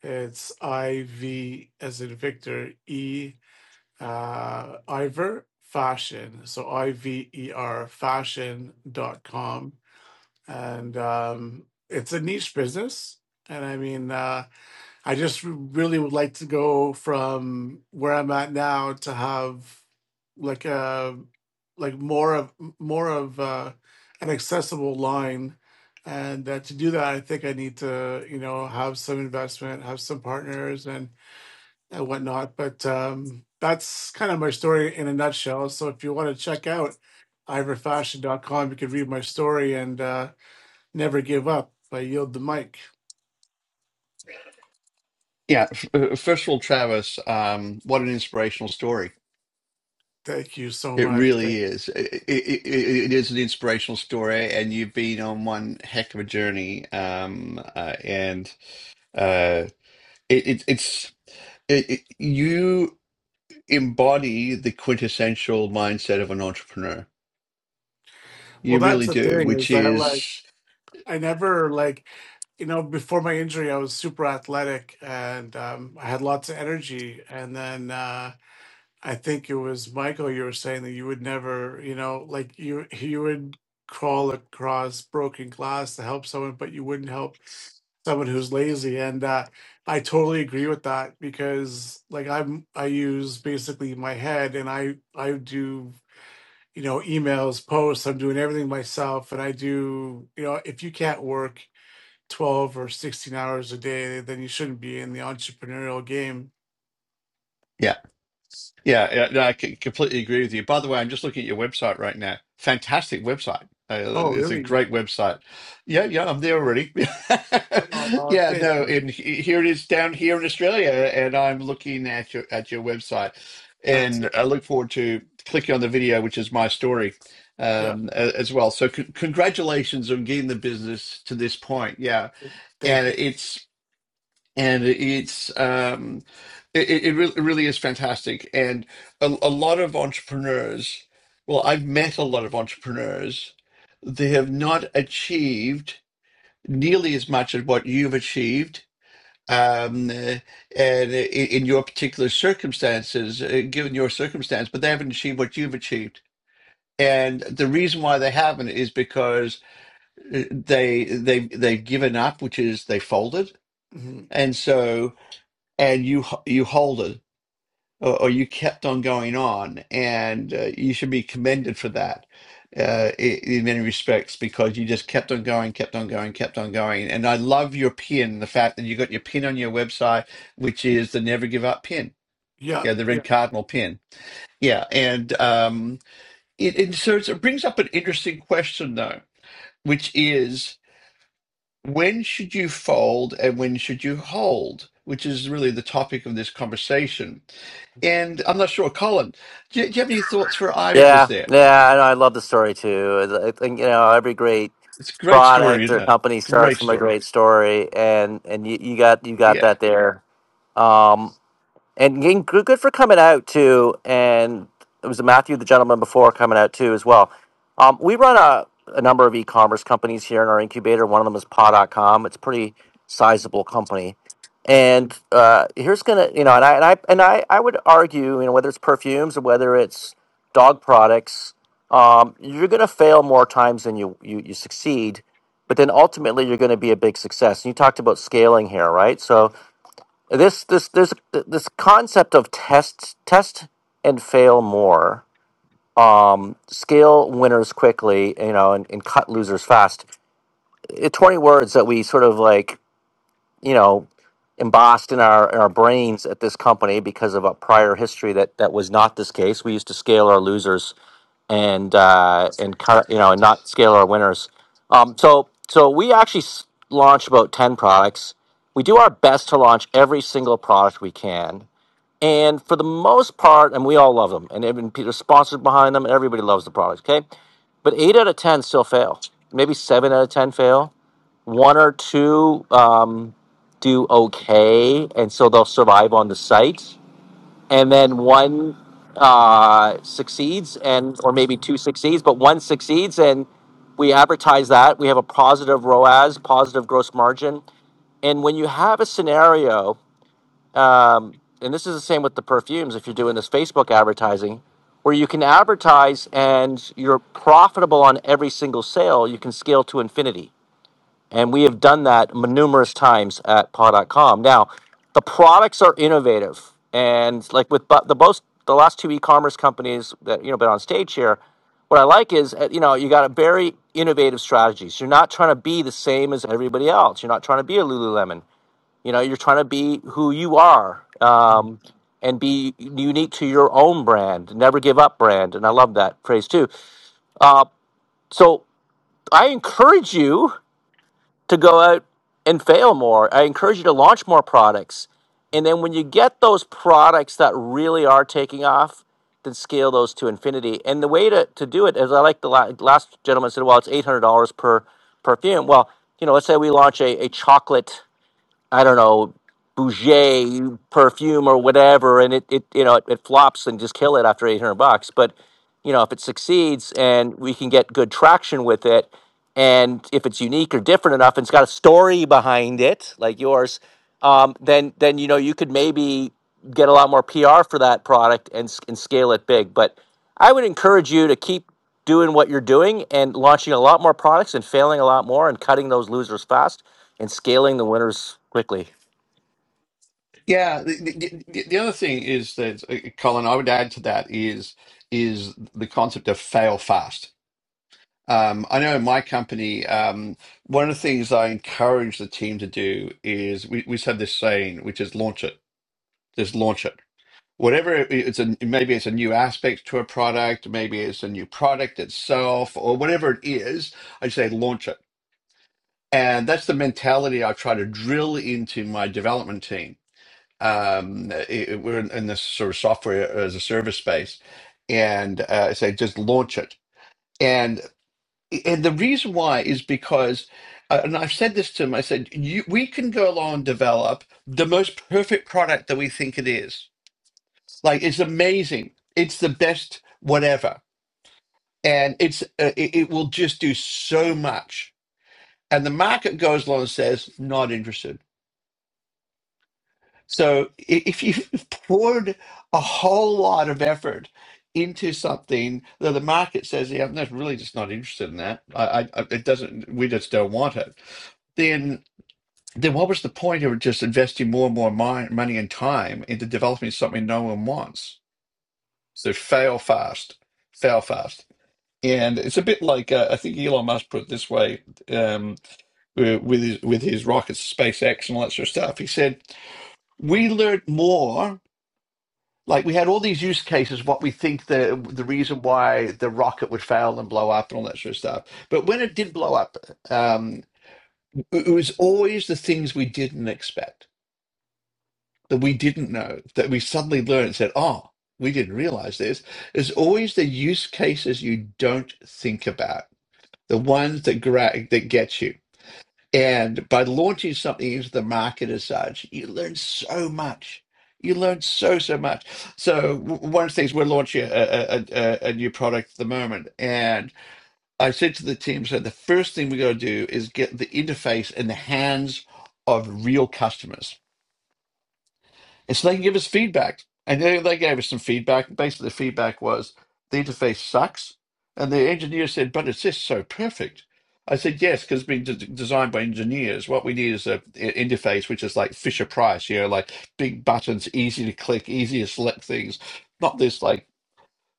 Speaker 3: it's IV as in Victor E uh, Iver Fashion. So I V E R Fashion dot com, And um, it's a niche business. And I mean, uh, I just really would like to go from where I'm at now to have like a like more of more of uh, an accessible line, and uh, to do that, I think I need to you know have some investment, have some partners, and and whatnot. But um, that's kind of my story in a nutshell. So if you want to check out ivorfashion.com, you can read my story and uh, never give up. I yield the mic.
Speaker 2: Yeah, f- uh, first of all, Travis, um, what an inspirational story.
Speaker 3: Thank you so
Speaker 2: It
Speaker 3: much.
Speaker 2: really is. It, it, it, it is an inspirational story, and you've been on one heck of a journey. Um, uh, and uh, it, it, it's it, it, you embody the quintessential mindset of an entrepreneur.
Speaker 3: Well,
Speaker 2: You
Speaker 3: that's
Speaker 2: really
Speaker 3: the
Speaker 2: do,
Speaker 3: thing is
Speaker 2: which
Speaker 3: that like
Speaker 2: is.
Speaker 3: I never like you know before my injury I was super athletic and um, I had lots of energy and then uh, I think it was Michael you were saying that you would never you know like you you would crawl across broken glass to help someone but you wouldn't help someone who's lazy and uh, I totally agree with that because like I'm I use basically my head and I I do you know, emails, posts. I'm doing everything myself. And I do, you know, if you can't work 12 or 16 hours a day, then you shouldn't be in the entrepreneurial game.
Speaker 2: yeah, Yeah, yeah, no, I c- completely agree with you. By the way, I'm just looking at your website right now. Fantastic website. Uh,
Speaker 3: Oh,
Speaker 2: it's a
Speaker 3: really?
Speaker 2: great website. Yeah, yeah, I'm there already.
Speaker 3: Uh,
Speaker 2: yeah,
Speaker 3: thank
Speaker 2: no,
Speaker 3: you.
Speaker 2: and he- here it is down here in Australia, and I'm looking at your at your website,
Speaker 3: That's,
Speaker 2: and I look forward to clicking on the video, which is my story,
Speaker 3: yeah,
Speaker 2: um, a- as well. So, c- congratulations on getting the business to this point. Yeah,
Speaker 3: thank
Speaker 2: and
Speaker 3: you.
Speaker 2: it's and it's um it, it, it really, really is fantastic and a, a lot of entrepreneurs well i've met a lot of entrepreneurs they have not achieved nearly as much as what you've achieved um uh, and i- in your particular circumstances uh, given your circumstance but they haven't achieved what you've achieved and the reason why they haven't is because uh, they they they've given up which is they folded
Speaker 3: hmm
Speaker 2: and so and you h- you hold it or, or you kept on going on and uh, you should be commended for that uh, i- in many respects because you just kept on going kept on going kept on going and i love your pin the fact that you got your pin on your website which is the never give up pin
Speaker 3: Yeah,
Speaker 2: yeah the
Speaker 3: yeah,
Speaker 2: red cardinal pin yeah and um it, it so it's- it brings up an interesting question though which is when should you fold and when should you hold which is really the topic of this conversation And I'm not sure, Colin, do you, do you have any thoughts for Ivan just
Speaker 1: Yeah,
Speaker 2: there?
Speaker 1: yeah, I know. I love the story too. I think you know every great
Speaker 2: It's a great story,
Speaker 1: product or
Speaker 2: isn't it?
Speaker 1: company starts
Speaker 2: Great
Speaker 1: from a
Speaker 2: story.
Speaker 1: great story, and and you, you got you got
Speaker 2: Yeah.
Speaker 1: that there. Um, and getting good, good for coming out too. And it was Matthew, the gentleman before, coming out too as well. Um, we run a, a number of e-commerce companies here in our incubator. One of them is paw dot com. It's a pretty sizable company. And uh, here's gonna, you know, and I and I and I, I would argue, you know, whether it's perfumes or whether it's dog products, um, you're gonna fail more times than you you, you succeed. But then ultimately, you're going to be a big success. And you talked about scaling here, right? So this this there's this concept of test test and fail more um scale winners quickly you know and, and cut losers fast it, 20 words that we sort of like you know embossed in our in our brains at this company because of a prior history that that was not this case we used to scale our losers and uh and cut you know and not scale our winners um so so we actually s- launch about 10 products we do our best to launch every single product we can and for the most part, and we all love them, and even Peter's sponsors behind them, and everybody loves the product. okay? But eight out of 10 still fail. Maybe seven out of 10 fail. One or two um, do okay, and so they'll survive on the site. And then one uh, succeeds, and or maybe two succeeds, but one succeeds, and we advertise that. We have a positive ROAS, positive gross margin. And when you have a scenario um, and this is the same with the perfumes if you're doing this Facebook advertising, where you can advertise and you're profitable on every single sale, you can scale to infinity. And we have done that numerous times at paw.com. Now, the products are innovative. And like with bu- the most, the last two e-commerce companies that, you know, been on stage here, what I like is, uh, you know, you got a very innovative strategies. You're not trying to be the same as everybody else. You're not trying to be a Lululemon. You know, you're trying to be who you are
Speaker 3: mhm,
Speaker 1: um, and be unique to your own brand. Never give up brand. And I love that phrase too. So I encourage you to go out and fail more. I encourage you to launch more products. And then when you get those products that really are taking off, then scale those to infinity. And the way to, to do it is I like the la- last gentleman said, well, it's $800 per perfume. Well, you know, let's say we launch a, a chocolate, I don't know, Bouger perfume or whatever, and it, it you know it, it flops and just kill it after eight hundred bucks. But you know if it succeeds and we can get good traction with it, and if it's unique or different enough, and it's got a story behind it like yours, um, then then you know you could maybe get a lot more PR for that product and s- and scale it big. But I would encourage you to keep doing what you're doing and launching a lot more products and failing a lot more and cutting those losers fast and scaling the winners quickly.
Speaker 2: Yeah. The, the, the the other thing is that, uh, Colin, I would add to that is is the concept of fail fast. Um, I know in my company, um, one of the things I encourage the team to do is we, we just have this saying, which is launch it, just launch it. Whatever it- it's a maybe it's a new aspect to a product, maybe it's a new product itself, or whatever it is, I say launch it And that's the mentality I try to drill into my development team. Um, it- it- we're in, in this sort of software as a service space, and uh, I say just launch it. And and the reason why is because, uh, and I've said this to them. I said you, we can go along and develop the most perfect product that we think it is. Like it's amazing. It's the best whatever, and it's uh, it, it will just do so much. And the market goes along and says not interested So i- if you've poured a whole lot of effort into something that the market says, yeah, I'm not really just not interested in that. I, I, I- it doesn't, we just don't want it. Then, then what was the point of just investing more and more mi- money and time into developing something no one wants? So fail fast, fail fast. And it's a bit like uh, I think Elon Musk put it this way um, with with his, with his rockets, SpaceX, and all that sort of stuff. He said, "We learned more." Like we had all these use cases, what we think the the reason why the rocket would fail and blow up and all that sort of stuff. But when it did blow up, um, it was always the things we didn't expect, that we didn't know, that we suddenly learned and said, "Oh, we didn't realize this." It's always the use cases you don't think about, the ones that gra- that get you. And by launching something into the market as such, you learn so much. You learn so, so much. So w- one of the things we're launching a, a, a, a new product at the moment. And I said to the team, so the first thing we got to do is get the interface in the hands of real customers and so they can give us feedback. And they, they gave us some feedback. Basically, the feedback was the interface sucks. And the engineer said, but it's just so perfect. I said, yes, because it's been d- designed by engineers. What we need is a i- interface which is like Fisher Price, you know, like big buttons, easy to click, easy to select things, not this like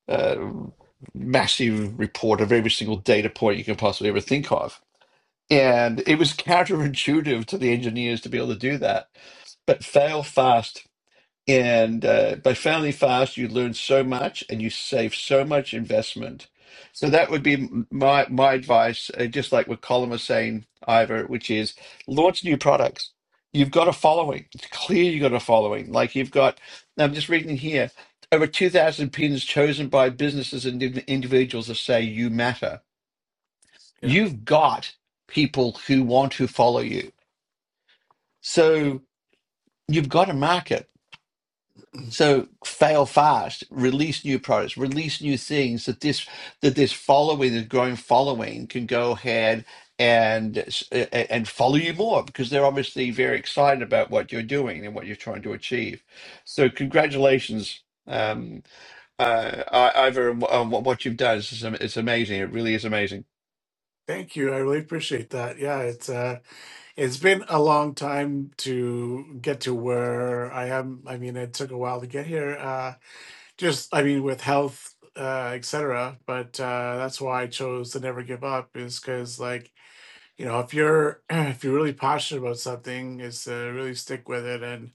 Speaker 2: uh, massive report of every single data point you can possibly ever think of. And it was counterintuitive to the engineers to be able to do that but fail fast and uh, by family fast, you learn so much and you save so much investment. So that would be m- my my advice, uh, just like what Colin was saying, Ivor, which is launch new products. You've got a following. It's clear you've got a following. Like you've got, I'm just reading here, over 2,000 pins chosen by businesses and indiv- individuals that say you matter.
Speaker 3: yeah.
Speaker 2: You've got people who want to follow you. So you've got a market So fail fast, release new products, release new things that this that this following, this growing following, can go ahead and and follow you more because they're obviously very excited about what you're doing and what you're trying to achieve. So congratulations, um, uh, I- Ivor, on wh- on what you've done. It's, it's amazing. It really is amazing.
Speaker 3: Thank you. I really appreciate that. Yeah, it's uh it's been a long time to get to where I am. I mean, it took a while to get here. Uh, just i mean with health uh etc but uh that's why i chose to never give up is because like you know if you're if you're really passionate about something is to really stick with it and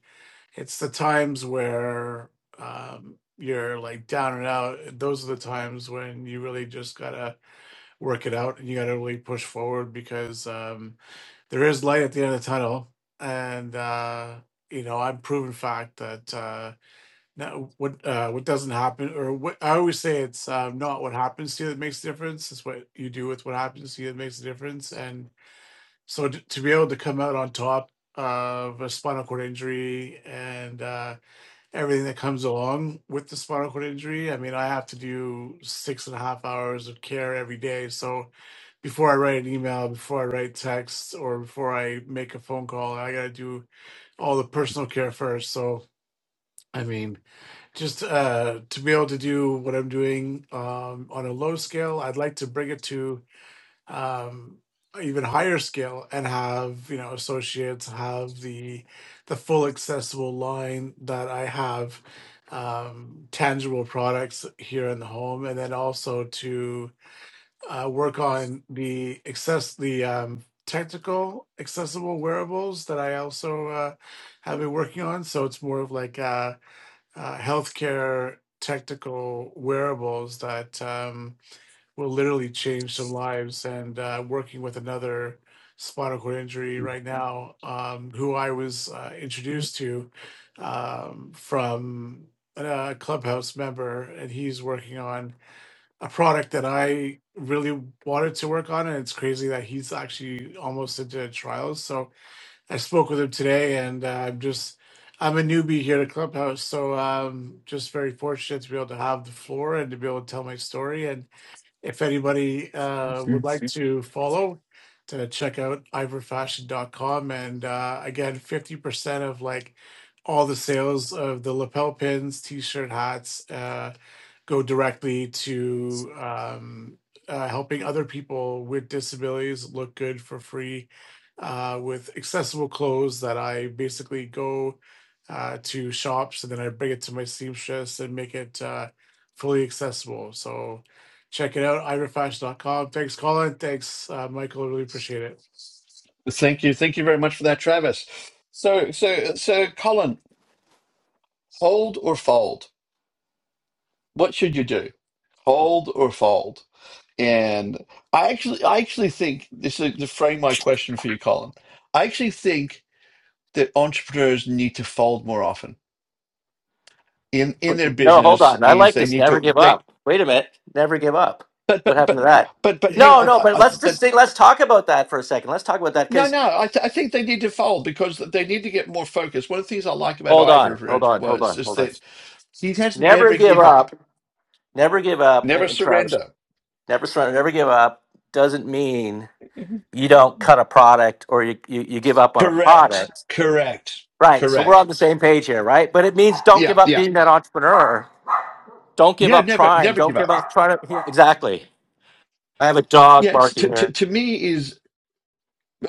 Speaker 3: it's the times where um you're like down and out those are the times when you really just gotta work it out and you gotta really push forward because um there is light at the end of the tunnel and uh you know i'm proven fact that uh no, what uh, what doesn't happen, or what I always say, it's uh, not what happens to you that makes the difference. It's what you do with what happens to you that makes the difference. And so to, to be able to come out on top of a spinal cord injury and uh, everything that comes along with the spinal cord injury, I mean, I have to do six and a half hours of care every day. So before I write an email, before I write text, or before I make a phone call, I got to do all the personal care first. So I mean just uh, to be able to do what I'm doing um, on a low scale, I'd like to bring it to um, a even higher scale and have you know associates have the the full accessible line that I have um, tangible products here in the home, and then also to uh, work on the access the um, technical accessible wearables that I also uh, have been working on. So it's more of like. uh, uh, healthcare technical wearables that um, will literally change some lives. And uh, working with another spinal cord injury right now, um, who I was uh, introduced to um, from a clubhouse member, and he's working on a product that I really wanted to work on. And it's crazy that he's actually almost into trials. So I spoke with him today, and uh, I'm just I'm a newbie here at Clubhouse, so um, just very fortunate to be able to have the floor and to be able to tell my story. And if anybody uh, would
Speaker 2: Mm.
Speaker 3: like to follow, to check out ivorfashion.com, and uh, again, fifty percent of like all the sales of the lapel pins, t-shirt, hats. Uh, go directly to um, uh, helping other people with disabilities look good for free uh, with accessible clothes that I basically go uh, to shops and then I bring it to my seamstress and make it uh, fully accessible. So check it out, ira fashion dot com. Thanks, Colin. Thanks, uh, Michael. I Really appreciate it.
Speaker 2: Thank you, thank you very much for that, Travis. So so so, Colin, hold or fold? what should you do? Hold or fold? And I actually, I actually think this is to frame my question for you, Colin. I actually think that entrepreneurs need to fold more often in in their
Speaker 1: No, hold
Speaker 2: business.
Speaker 1: on. I
Speaker 2: Is
Speaker 1: like
Speaker 2: they
Speaker 1: this.
Speaker 2: need
Speaker 1: Never
Speaker 2: to
Speaker 1: give
Speaker 2: they,
Speaker 1: up. Wait a minute. Never give up.
Speaker 2: but
Speaker 1: What
Speaker 2: but
Speaker 1: happened
Speaker 2: but
Speaker 1: to that?
Speaker 2: but but hang,
Speaker 1: No,
Speaker 3: Yeah.
Speaker 1: no.
Speaker 2: I,
Speaker 1: But
Speaker 2: I,
Speaker 1: let's just
Speaker 2: but
Speaker 1: think, let's talk about that for a second. Let's talk about that
Speaker 2: no,
Speaker 1: because
Speaker 2: no. I th- I think they need to fold because they need to get more focused. One of the things I like about
Speaker 1: hold on,
Speaker 2: Ivor
Speaker 1: hold on, hold
Speaker 2: was
Speaker 1: on,
Speaker 2: is
Speaker 1: hold on.
Speaker 2: that he has
Speaker 1: Never
Speaker 2: never
Speaker 1: give
Speaker 2: give up,
Speaker 1: up. Never give up.
Speaker 2: never
Speaker 1: And, and Travis,
Speaker 2: surrender.
Speaker 1: never surrender. Never give up doesn't mean
Speaker 2: Mhm.
Speaker 1: you don't cut a product or you, you you give up on a
Speaker 2: Correct.
Speaker 1: product.
Speaker 2: Correct.
Speaker 1: Right. So we're on
Speaker 2: Correct.
Speaker 1: the same page here, right? But it means don't
Speaker 2: Yeah.
Speaker 1: give
Speaker 2: Yeah.
Speaker 1: up being that entrepreneur. Don't give
Speaker 2: Yeah,
Speaker 1: up
Speaker 2: never,
Speaker 1: trying.
Speaker 2: never
Speaker 1: Don't
Speaker 2: give
Speaker 1: give
Speaker 2: up.
Speaker 1: up trying to. Exactly. I have a
Speaker 2: Yeah,
Speaker 1: dog
Speaker 2: it's, to,
Speaker 1: barking here.
Speaker 2: to to me is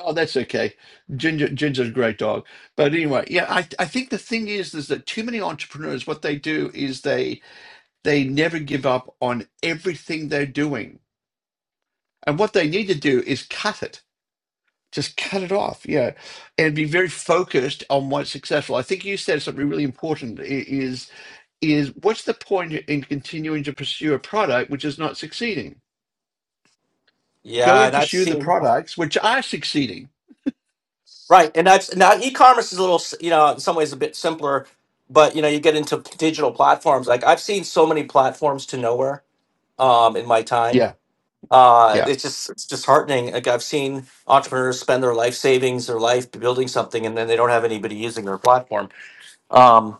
Speaker 2: oh, that's okay. Ginger, Ginger's a great dog, but anyway, yeah, I I think the thing is is that too many entrepreneurs what they do is they they never give up on everything they're doing, and what they need to do is cut it, just cut it off, yeah, and be very focused on what's successful. I think you said something really important i- is is what's the point in continuing to pursue a product which is not succeeding? Go
Speaker 1: Yeah,
Speaker 2: and
Speaker 1: and I've
Speaker 2: pursue the
Speaker 1: seen
Speaker 2: products which are succeeding
Speaker 1: right, and I've now e-commerce is a little, you know, in some ways a bit simpler, but you know, you get into digital platforms. Like I've seen so many platforms to nowhere um, in my time.
Speaker 2: Yeah,
Speaker 1: Uh,
Speaker 2: yeah.
Speaker 1: it's just it's disheartening. Like I've seen entrepreneurs spend their life savings, their life building something, and then they don't have anybody using their platform. Um,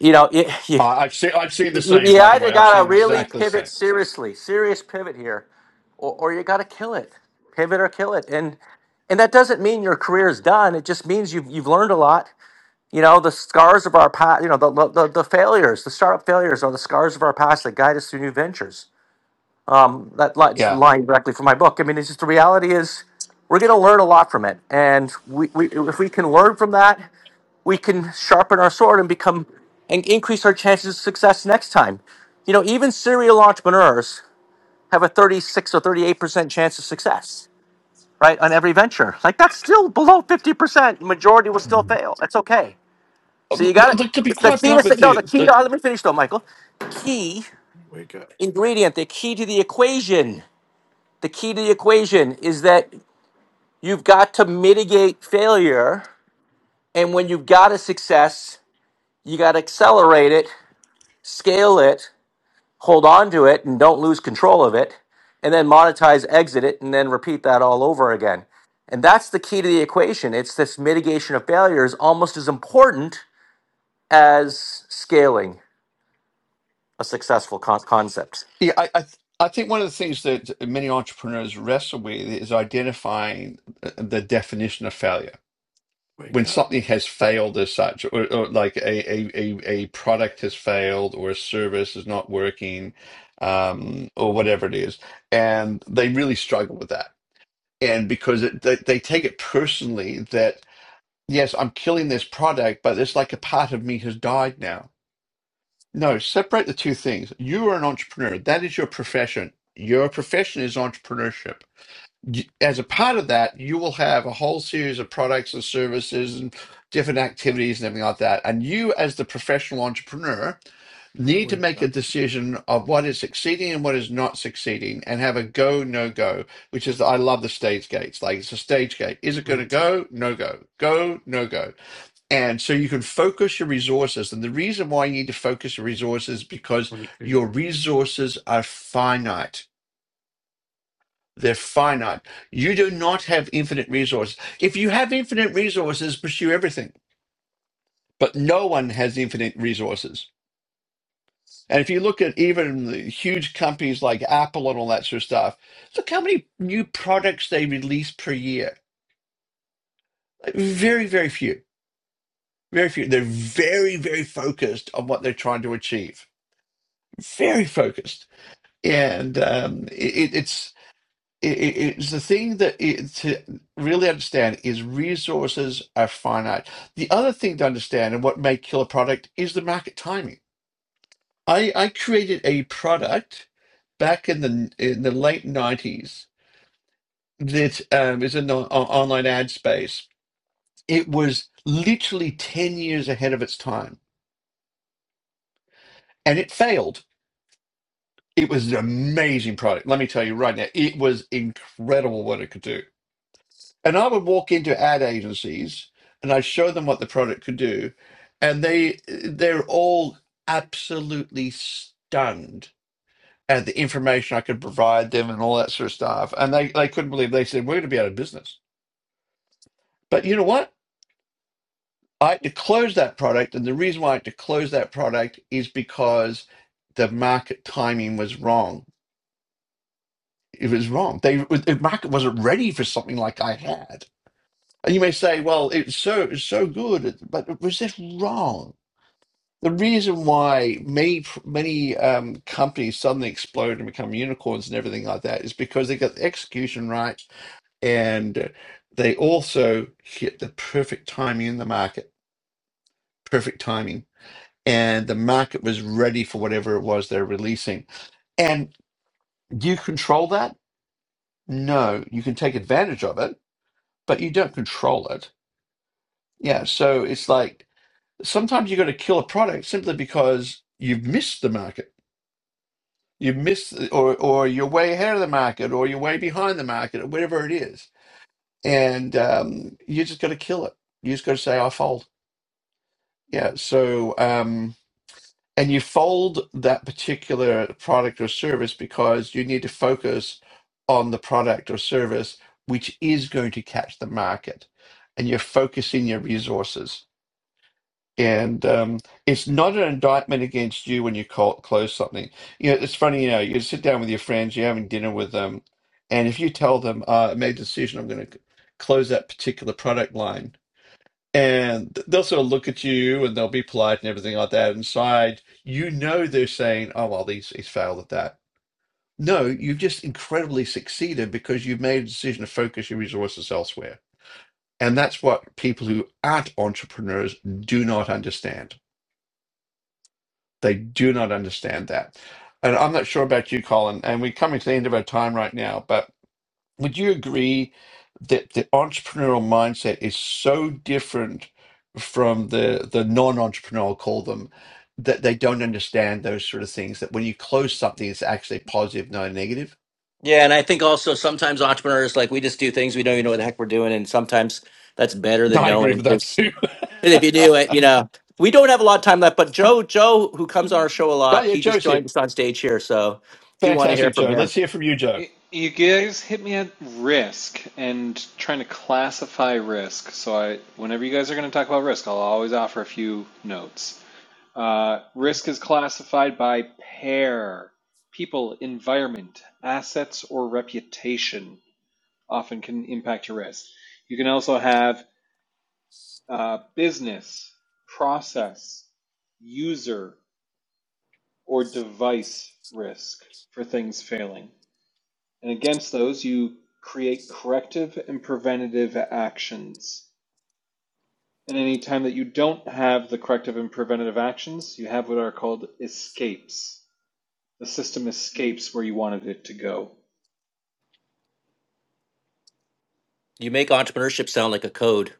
Speaker 1: you know, it,
Speaker 2: Uh, I've seen I've seen the
Speaker 1: You
Speaker 2: same.
Speaker 1: you
Speaker 2: By the way,
Speaker 1: either
Speaker 2: I've seen
Speaker 1: gotta really
Speaker 2: exactly the
Speaker 1: pivot
Speaker 2: same.
Speaker 1: seriously, serious pivot here, or, or you gotta kill it. Pivot or kill it. And and that doesn't mean your career is done. It just means you've you've learned a lot. You know, the scars of our past, you know, the, the the failures, the startup failures are the scars of our past that guide us through new ventures. Um, that line's
Speaker 2: Yeah.
Speaker 1: line directly from my book. I mean, it's just the reality is we're gonna learn a lot from it. And we, we if we can learn from that we can sharpen our sword and become and increase our chances of success next time. You know, even serial entrepreneurs have a 36 or 38% chance of success, right? On every venture. Like that's still below 50%. Majority will still
Speaker 2: Mhm.
Speaker 1: fail. That's okay.
Speaker 2: Uh,
Speaker 1: So you got
Speaker 2: look, To be
Speaker 1: it. The
Speaker 2: quite
Speaker 3: Wake
Speaker 1: key
Speaker 3: up,
Speaker 2: blunt
Speaker 1: to
Speaker 2: with
Speaker 1: no, the
Speaker 2: you,
Speaker 1: key to
Speaker 2: the,
Speaker 1: let me finish though, Michael. Key
Speaker 3: wake up,
Speaker 1: ingredient, the key to the equation. The key to the equation is that you've got to mitigate failure. And when you've got a success, you got to accelerate it scale it, hold on to it, and don't lose control of it, and then monetize, exit it, and then repeat that all over again. And that's the key to the equation. It's this mitigation of failure is almost as important as scaling a successful con- concept.
Speaker 2: yeah, I, I th- I think one of the things that many entrepreneurs wrestle with is identifying the the definition of failure.
Speaker 3: wake
Speaker 2: When
Speaker 3: up,
Speaker 2: something has failed as such, or, or like a, a, a, a product has failed, or a service is not working, um, or whatever it is, and they really struggle with that and because it, they, they take it personally that yes, I'm killing this product, but it's like a part of me has died now. No, separate the two things. You are an entrepreneur. That is your profession. Your profession is entrepreneurship. Y- As a part of that, you will have a whole series of products and services and different activities and everything like that. And you, as the professional entrepreneur, need to
Speaker 3: wake
Speaker 2: make a decision of what is succeeding and what is not succeeding and have a go, no go, which is, I love the stage gates. Like it's a stage gate. Is it going to
Speaker 3: up.
Speaker 2: go? No go. Go, no go and so you can focus your resources. And the reason why you need to focus your resources is because
Speaker 3: Wake up.
Speaker 2: your resources are finite. They're finite. You do not have infinite resources. If you have infinite resources, pursue everything. But no one has infinite resources. And if you look at even the huge companies like Apple and all that sort of stuff, look how many new products they release per year. Like, Very, very few. Very few. They're very, very focused on what they're trying to achieve. Very focused. and um, it, it's it, it- it's the thing that it, to really understand is resources are finite. The other thing to understand and what may kill a product is the market timing. I, I created a product back in the in the late nineties that um, is in the o- online ad space. It was literally ten years ahead of its time, and it failed. It was an amazing product. Let me tell you right now, it was incredible what it could do And I would walk into ad agencies and I'd show them what the product could do. And they they're all absolutely stunned at the information I could provide them and all that sort of stuff. And they, they couldn't believe they said, We're gonna be out of business. But you know what? I had to close that product, and the reason why I had to close that product is because the market timing was wrong. It was wrong. They the market wasn't ready for something like I had. And you may say, well, it's so it's so good, but was this wrong? The reason why many many um, companies suddenly explode and become unicorns and everything like that is because they got the execution right, and they also hit the perfect timing in the market, perfect timing, and the market was ready for whatever it was they're releasing. And do you control that? No, you can take advantage of it, but you don't control it. Yeah, so it's like sometimes you've got to kill a product simply because you've missed the market. You've missed, or or you're way ahead of the market, or you're way behind the market, or whatever it is, and um, you just got to kill it. You just got to say, "I fold." Yeah. So, um, and you fold that particular product or service because you need to focus on the product or service which is going to catch the market, and you're focusing your resources. And um, it's not an indictment against you when you call, close something. You know, it's funny, you know, you sit down with your friends, you're having dinner with them, and if you tell them, uh, I made a decision, I'm going to close that particular product line, and they'll sort of look at you and they'll be polite and everything like that. Inside, you know, they're saying, oh, well, he's, he's failed at that. No, you've just incredibly succeeded because you've made a decision to focus your resources elsewhere. And that's what people who aren't entrepreneurs do not understand They do not understand that. And I'm not sure about you, Colin, and we're coming to the end of our time right now, but would you agree that the entrepreneurial mindset is so different from the, the non-entrepreneurial, I'll call them, that they don't understand those sort of things, that when you close something, it's actually positive, not negative?
Speaker 1: Yeah, and I think also sometimes entrepreneurs like we just do things we don't even know what the heck we're doing, and sometimes that's better
Speaker 2: No,
Speaker 1: than
Speaker 2: I agree
Speaker 1: knowing.
Speaker 2: with that too.
Speaker 1: And if you
Speaker 2: oh,
Speaker 1: do it, you know, we don't have a lot of time left, but Joe, Joe, who comes on our show a lot,
Speaker 2: yeah,
Speaker 1: he just
Speaker 2: Joe's here.
Speaker 1: joined us on stage here. So do want to hear
Speaker 2: Fantastic,
Speaker 1: from
Speaker 2: Joe.
Speaker 1: him.
Speaker 2: Let's hear from you, Joe.
Speaker 5: Y- You guys hit me at risk and trying to classify risk. So I, whenever you guys are going to talk about risk, I'll always offer a few notes. Uh, risk is classified by pair, people, environment, assets, or reputation. Often can impact your risk. You can also have uh, business, process, user, or device risk for things failing. and against those you create corrective and preventative actions. And any time that you don't have the corrective and preventative actions, you have what are called escapes. The system escapes where you wanted it to go.
Speaker 1: You make entrepreneurship sound like a code.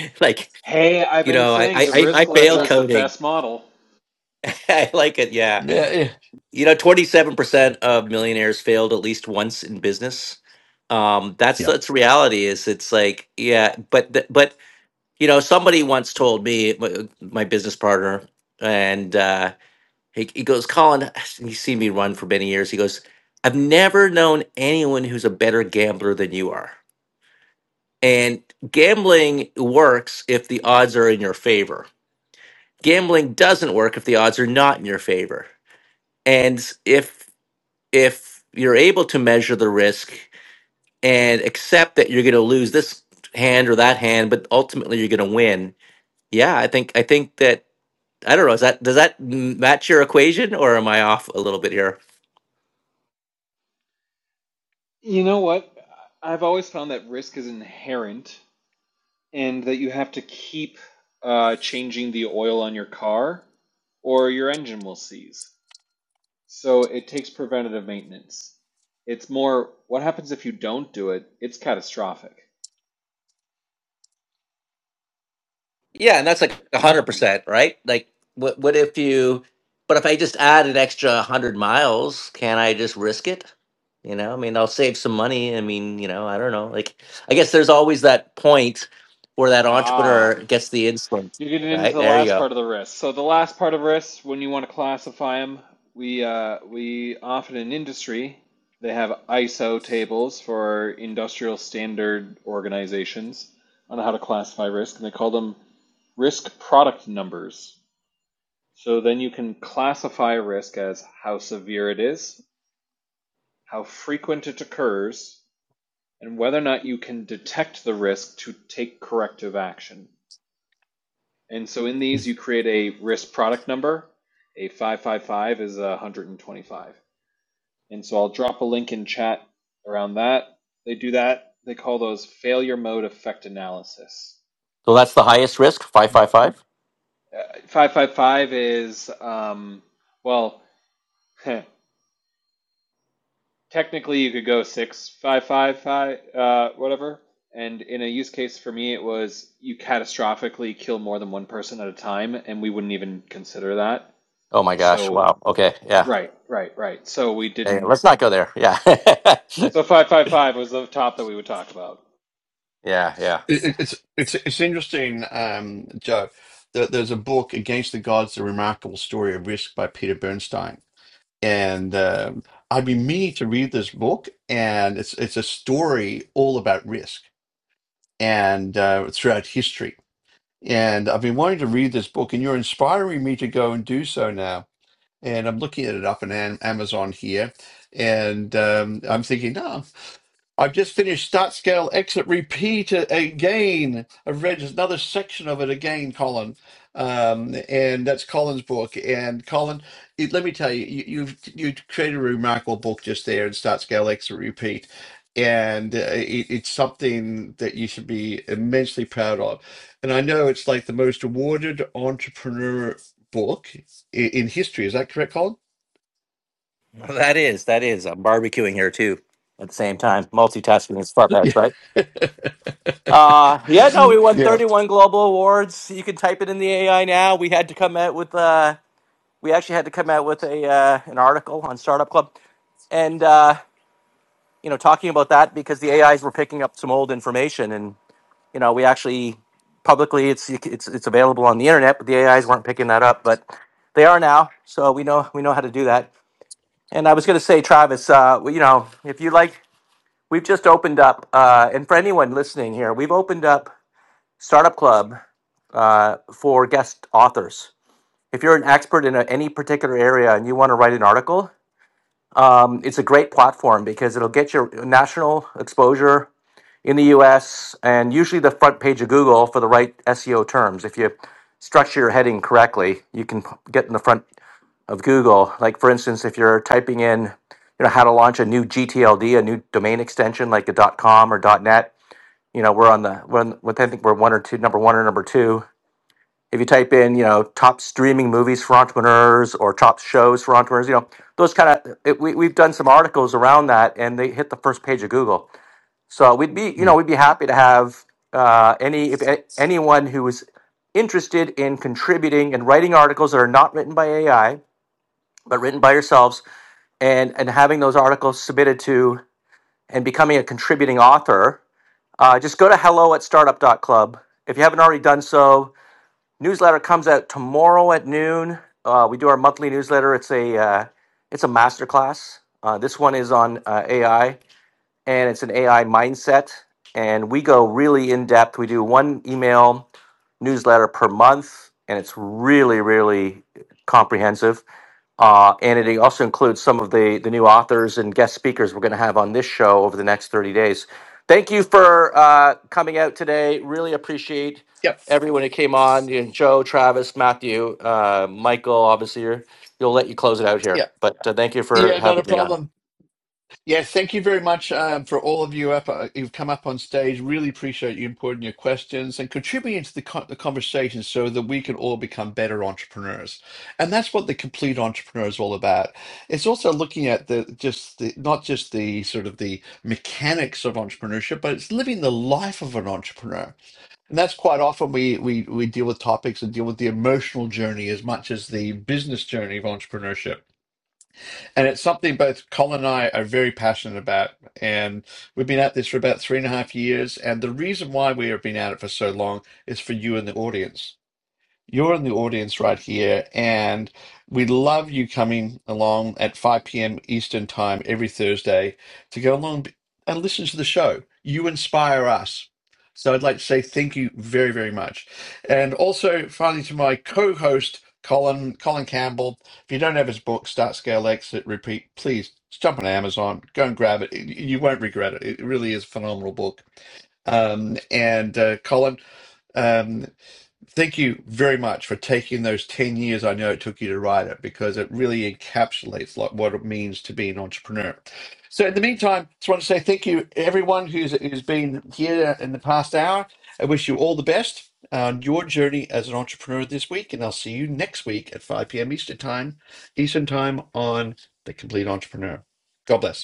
Speaker 1: like,
Speaker 5: Hey, I've
Speaker 1: you
Speaker 5: been
Speaker 1: know, I, I,
Speaker 5: saying the
Speaker 1: I I
Speaker 5: risk ledger
Speaker 1: failed
Speaker 5: is
Speaker 2: Well,
Speaker 5: the
Speaker 1: coding.
Speaker 5: best model.
Speaker 1: I like it. Yeah.
Speaker 2: Yeah,
Speaker 1: You know, 27% of millionaires failed at least once in business. Um, that's
Speaker 2: yeah.
Speaker 1: that's reality is it's like, yeah, but th- but you know, somebody once told me my, my business partner and uh he, he goes, "Colin, he's seen me run for many years. He goes, I've never known anyone who's a better gambler than you are." And gambling works if the odds are in your favor. Gambling doesn't work if the odds are not in your favor. And if if you're able to measure the risk and accept that you're going to lose this hand or that hand, but ultimately you're going to win. Yeah, I think I think that I don't know. Is that does that match your equation, or am I off a little bit here?
Speaker 5: You know what? I've always found that risk is inherent and that you have to keep uh, changing the oil on your car or your engine will seize. So it takes preventative maintenance. It's more what happens if you don't do it? It's catastrophic.
Speaker 1: Yeah, and that's like one hundred percent, right? Like, what what if you? But if I just add an extra one hundred miles, can I just risk it? You know, I mean, I'll save some money. I mean, you know, I don't know. Like, I guess there's always that point where that
Speaker 5: Ah,
Speaker 1: entrepreneur gets the instinct,
Speaker 5: you're getting into
Speaker 1: right?
Speaker 5: the
Speaker 1: There you
Speaker 5: last
Speaker 1: go.
Speaker 5: part of the risk. So the last part of risks, when you want to classify them, we uh, we often in industry they have ISO tables for industrial standard organizations on how to classify risk, and they call them risk product numbers. So then you can classify risk as how severe it is, how frequent it occurs, and whether or not you can detect the risk to take corrective action. And so in these, you create a risk product number. A 555 is a 125. And so I'll drop a link in chat around that. They do that. They call those failure mode effect analysis.
Speaker 1: So that's the highest risk, 555?
Speaker 5: 555 is, um, well, technically you could go six five five five uh whatever and in a use case for me it was you catastrophically kill more than one person at a time and we wouldn't even consider that
Speaker 1: Oh my gosh,
Speaker 5: so
Speaker 1: wow. Okay, yeah.
Speaker 5: right right right so we
Speaker 1: Hey,
Speaker 5: didn't
Speaker 1: let's not go there. Yeah.
Speaker 5: so 555 was the top that we would talk about
Speaker 1: yeah, yeah.
Speaker 2: It, it's it's it's interesting, um, Joe. That there's a book, Against the Gods: The Remarkable Story of Risk by Peter Bernstein, and um, I've been meaning to read this book, and it's it's a story all about risk and uh, throughout history. And I've been wanting to read this book, and you're inspiring me to go and do so now. And I'm looking at it up on Am- Amazon here, and um, I'm thinking, no, I've just finished Start Scale Exit Repeat a- again. I've read another section of it again, Colin, um, and that's Colin's book. And Colin, it, let me tell you, you, you've you created a remarkable book just there in Start Scale Exit Repeat, and uh, it, it's something that you should be immensely proud of. And I know it's like the most awarded entrepreneur book in, in history. Is that correct, Colin?
Speaker 1: That is, that is. I'm barbecuing here too at the same time. Multitasking is far packs,
Speaker 2: Yeah.
Speaker 1: right? Uh, yeah, no, we won
Speaker 2: Yeah.
Speaker 1: 31 global awards. You can type it in the AI now. We had to come out with, uh, we actually had to come out with a, uh, an article on Startup Club and, uh, you know, talking about that because the AIs were picking up some old information and. you know, we actually publicly it's it's it's available on the internet, but the AIs weren't picking that up, but they are now. So we know we know how to do that. And I was going to say, Travis, uh, well, you know, if you like, we've just opened up, uh, and for anyone listening here, we've opened up Startup Club uh, for guest authors. If you're an expert in a, any particular area and you want to write an article, um, it's a great platform because it'll get your national exposure in the US and usually the front page of Google for the right SEO terms. If you structure your heading correctly, you can get in the front of Google. Like, for instance, if you're typing in, you know, how to launch a new GTLD, a new domain extension like a .com or .net, you know, we're on the, we're on, I think we're one or two, number one or number two. If you type in, you know, top streaming movies for entrepreneurs or top shows for entrepreneurs, you know, those kind of, we, we've done some articles around that and they hit the first page of Google so we'd be, you know,
Speaker 2: Mm.
Speaker 1: we'd be happy to have uh, any if a- anyone who is interested in contributing and writing articles that are not written by AI but written by yourselves, and and having those articles submitted to and becoming a contributing author. Uh, just go to hello at startup dot club If you haven't already done so, newsletter comes out tomorrow at noon. Uh, we do our monthly newsletter. It's a uh, it's a masterclass. Uh, this one is on uh, AI and it's an AI mindset. And we go really in depth. We do one email newsletter per month, and it's really, really comprehensive. Uh, and it also includes some of the, the new authors and guest speakers we're going to have on this show over the next 30 days. Thank you for uh, coming out today. Really appreciate
Speaker 2: Yep.
Speaker 1: everyone who came on you know, Joe, Travis, Matthew, uh, Michael. Obviously, you're, you'll let you close it out here.
Speaker 2: Yep.
Speaker 1: But uh, thank you for
Speaker 2: Yeah, not
Speaker 1: having
Speaker 2: a
Speaker 1: me on.
Speaker 2: problem. Yes, thank you very much um, for all of you up. Uh, you've come up on stage. Really appreciate you importing your questions and contributing to the, co- the conversation so that we can all become better entrepreneurs. And that's what the complete entrepreneur is all about. It's also looking at the just the not just the sort of the mechanics of entrepreneurship, but it's living the life of an entrepreneur. And that's quite often we we we deal with topics and deal with the emotional journey as much as the business journey of entrepreneurship and it's something both Colin and I are very passionate about. And we've been at this for about three and a half years. And the reason why we have been at it for so long is for you and the audience you're in the audience right here, and we'd love you coming along at 5 p.m. Eastern Time every Thursday to go along and listen to the show. You inspire us. So I'd like to say thank you very, very much. And also, finally, to my co host, Colin, Colin Campbell. If you don't have his book, Start Scale Exit Repeat, please jump on Amazon, go and grab it. You won't regret it. It really is a phenomenal book. Um, and uh, Colin, um, thank you very much for taking those 10 years I know it took you to write it because it really encapsulates like what it means to be an entrepreneur. So in the meantime, just want to say thank you everyone who's who's been here in the past hour. I wish you all the best on your journey as an entrepreneur this week and I'll see you next week at 5 p.m. Eastern time, Eastern time on The Complete Entrepreneur. God bless.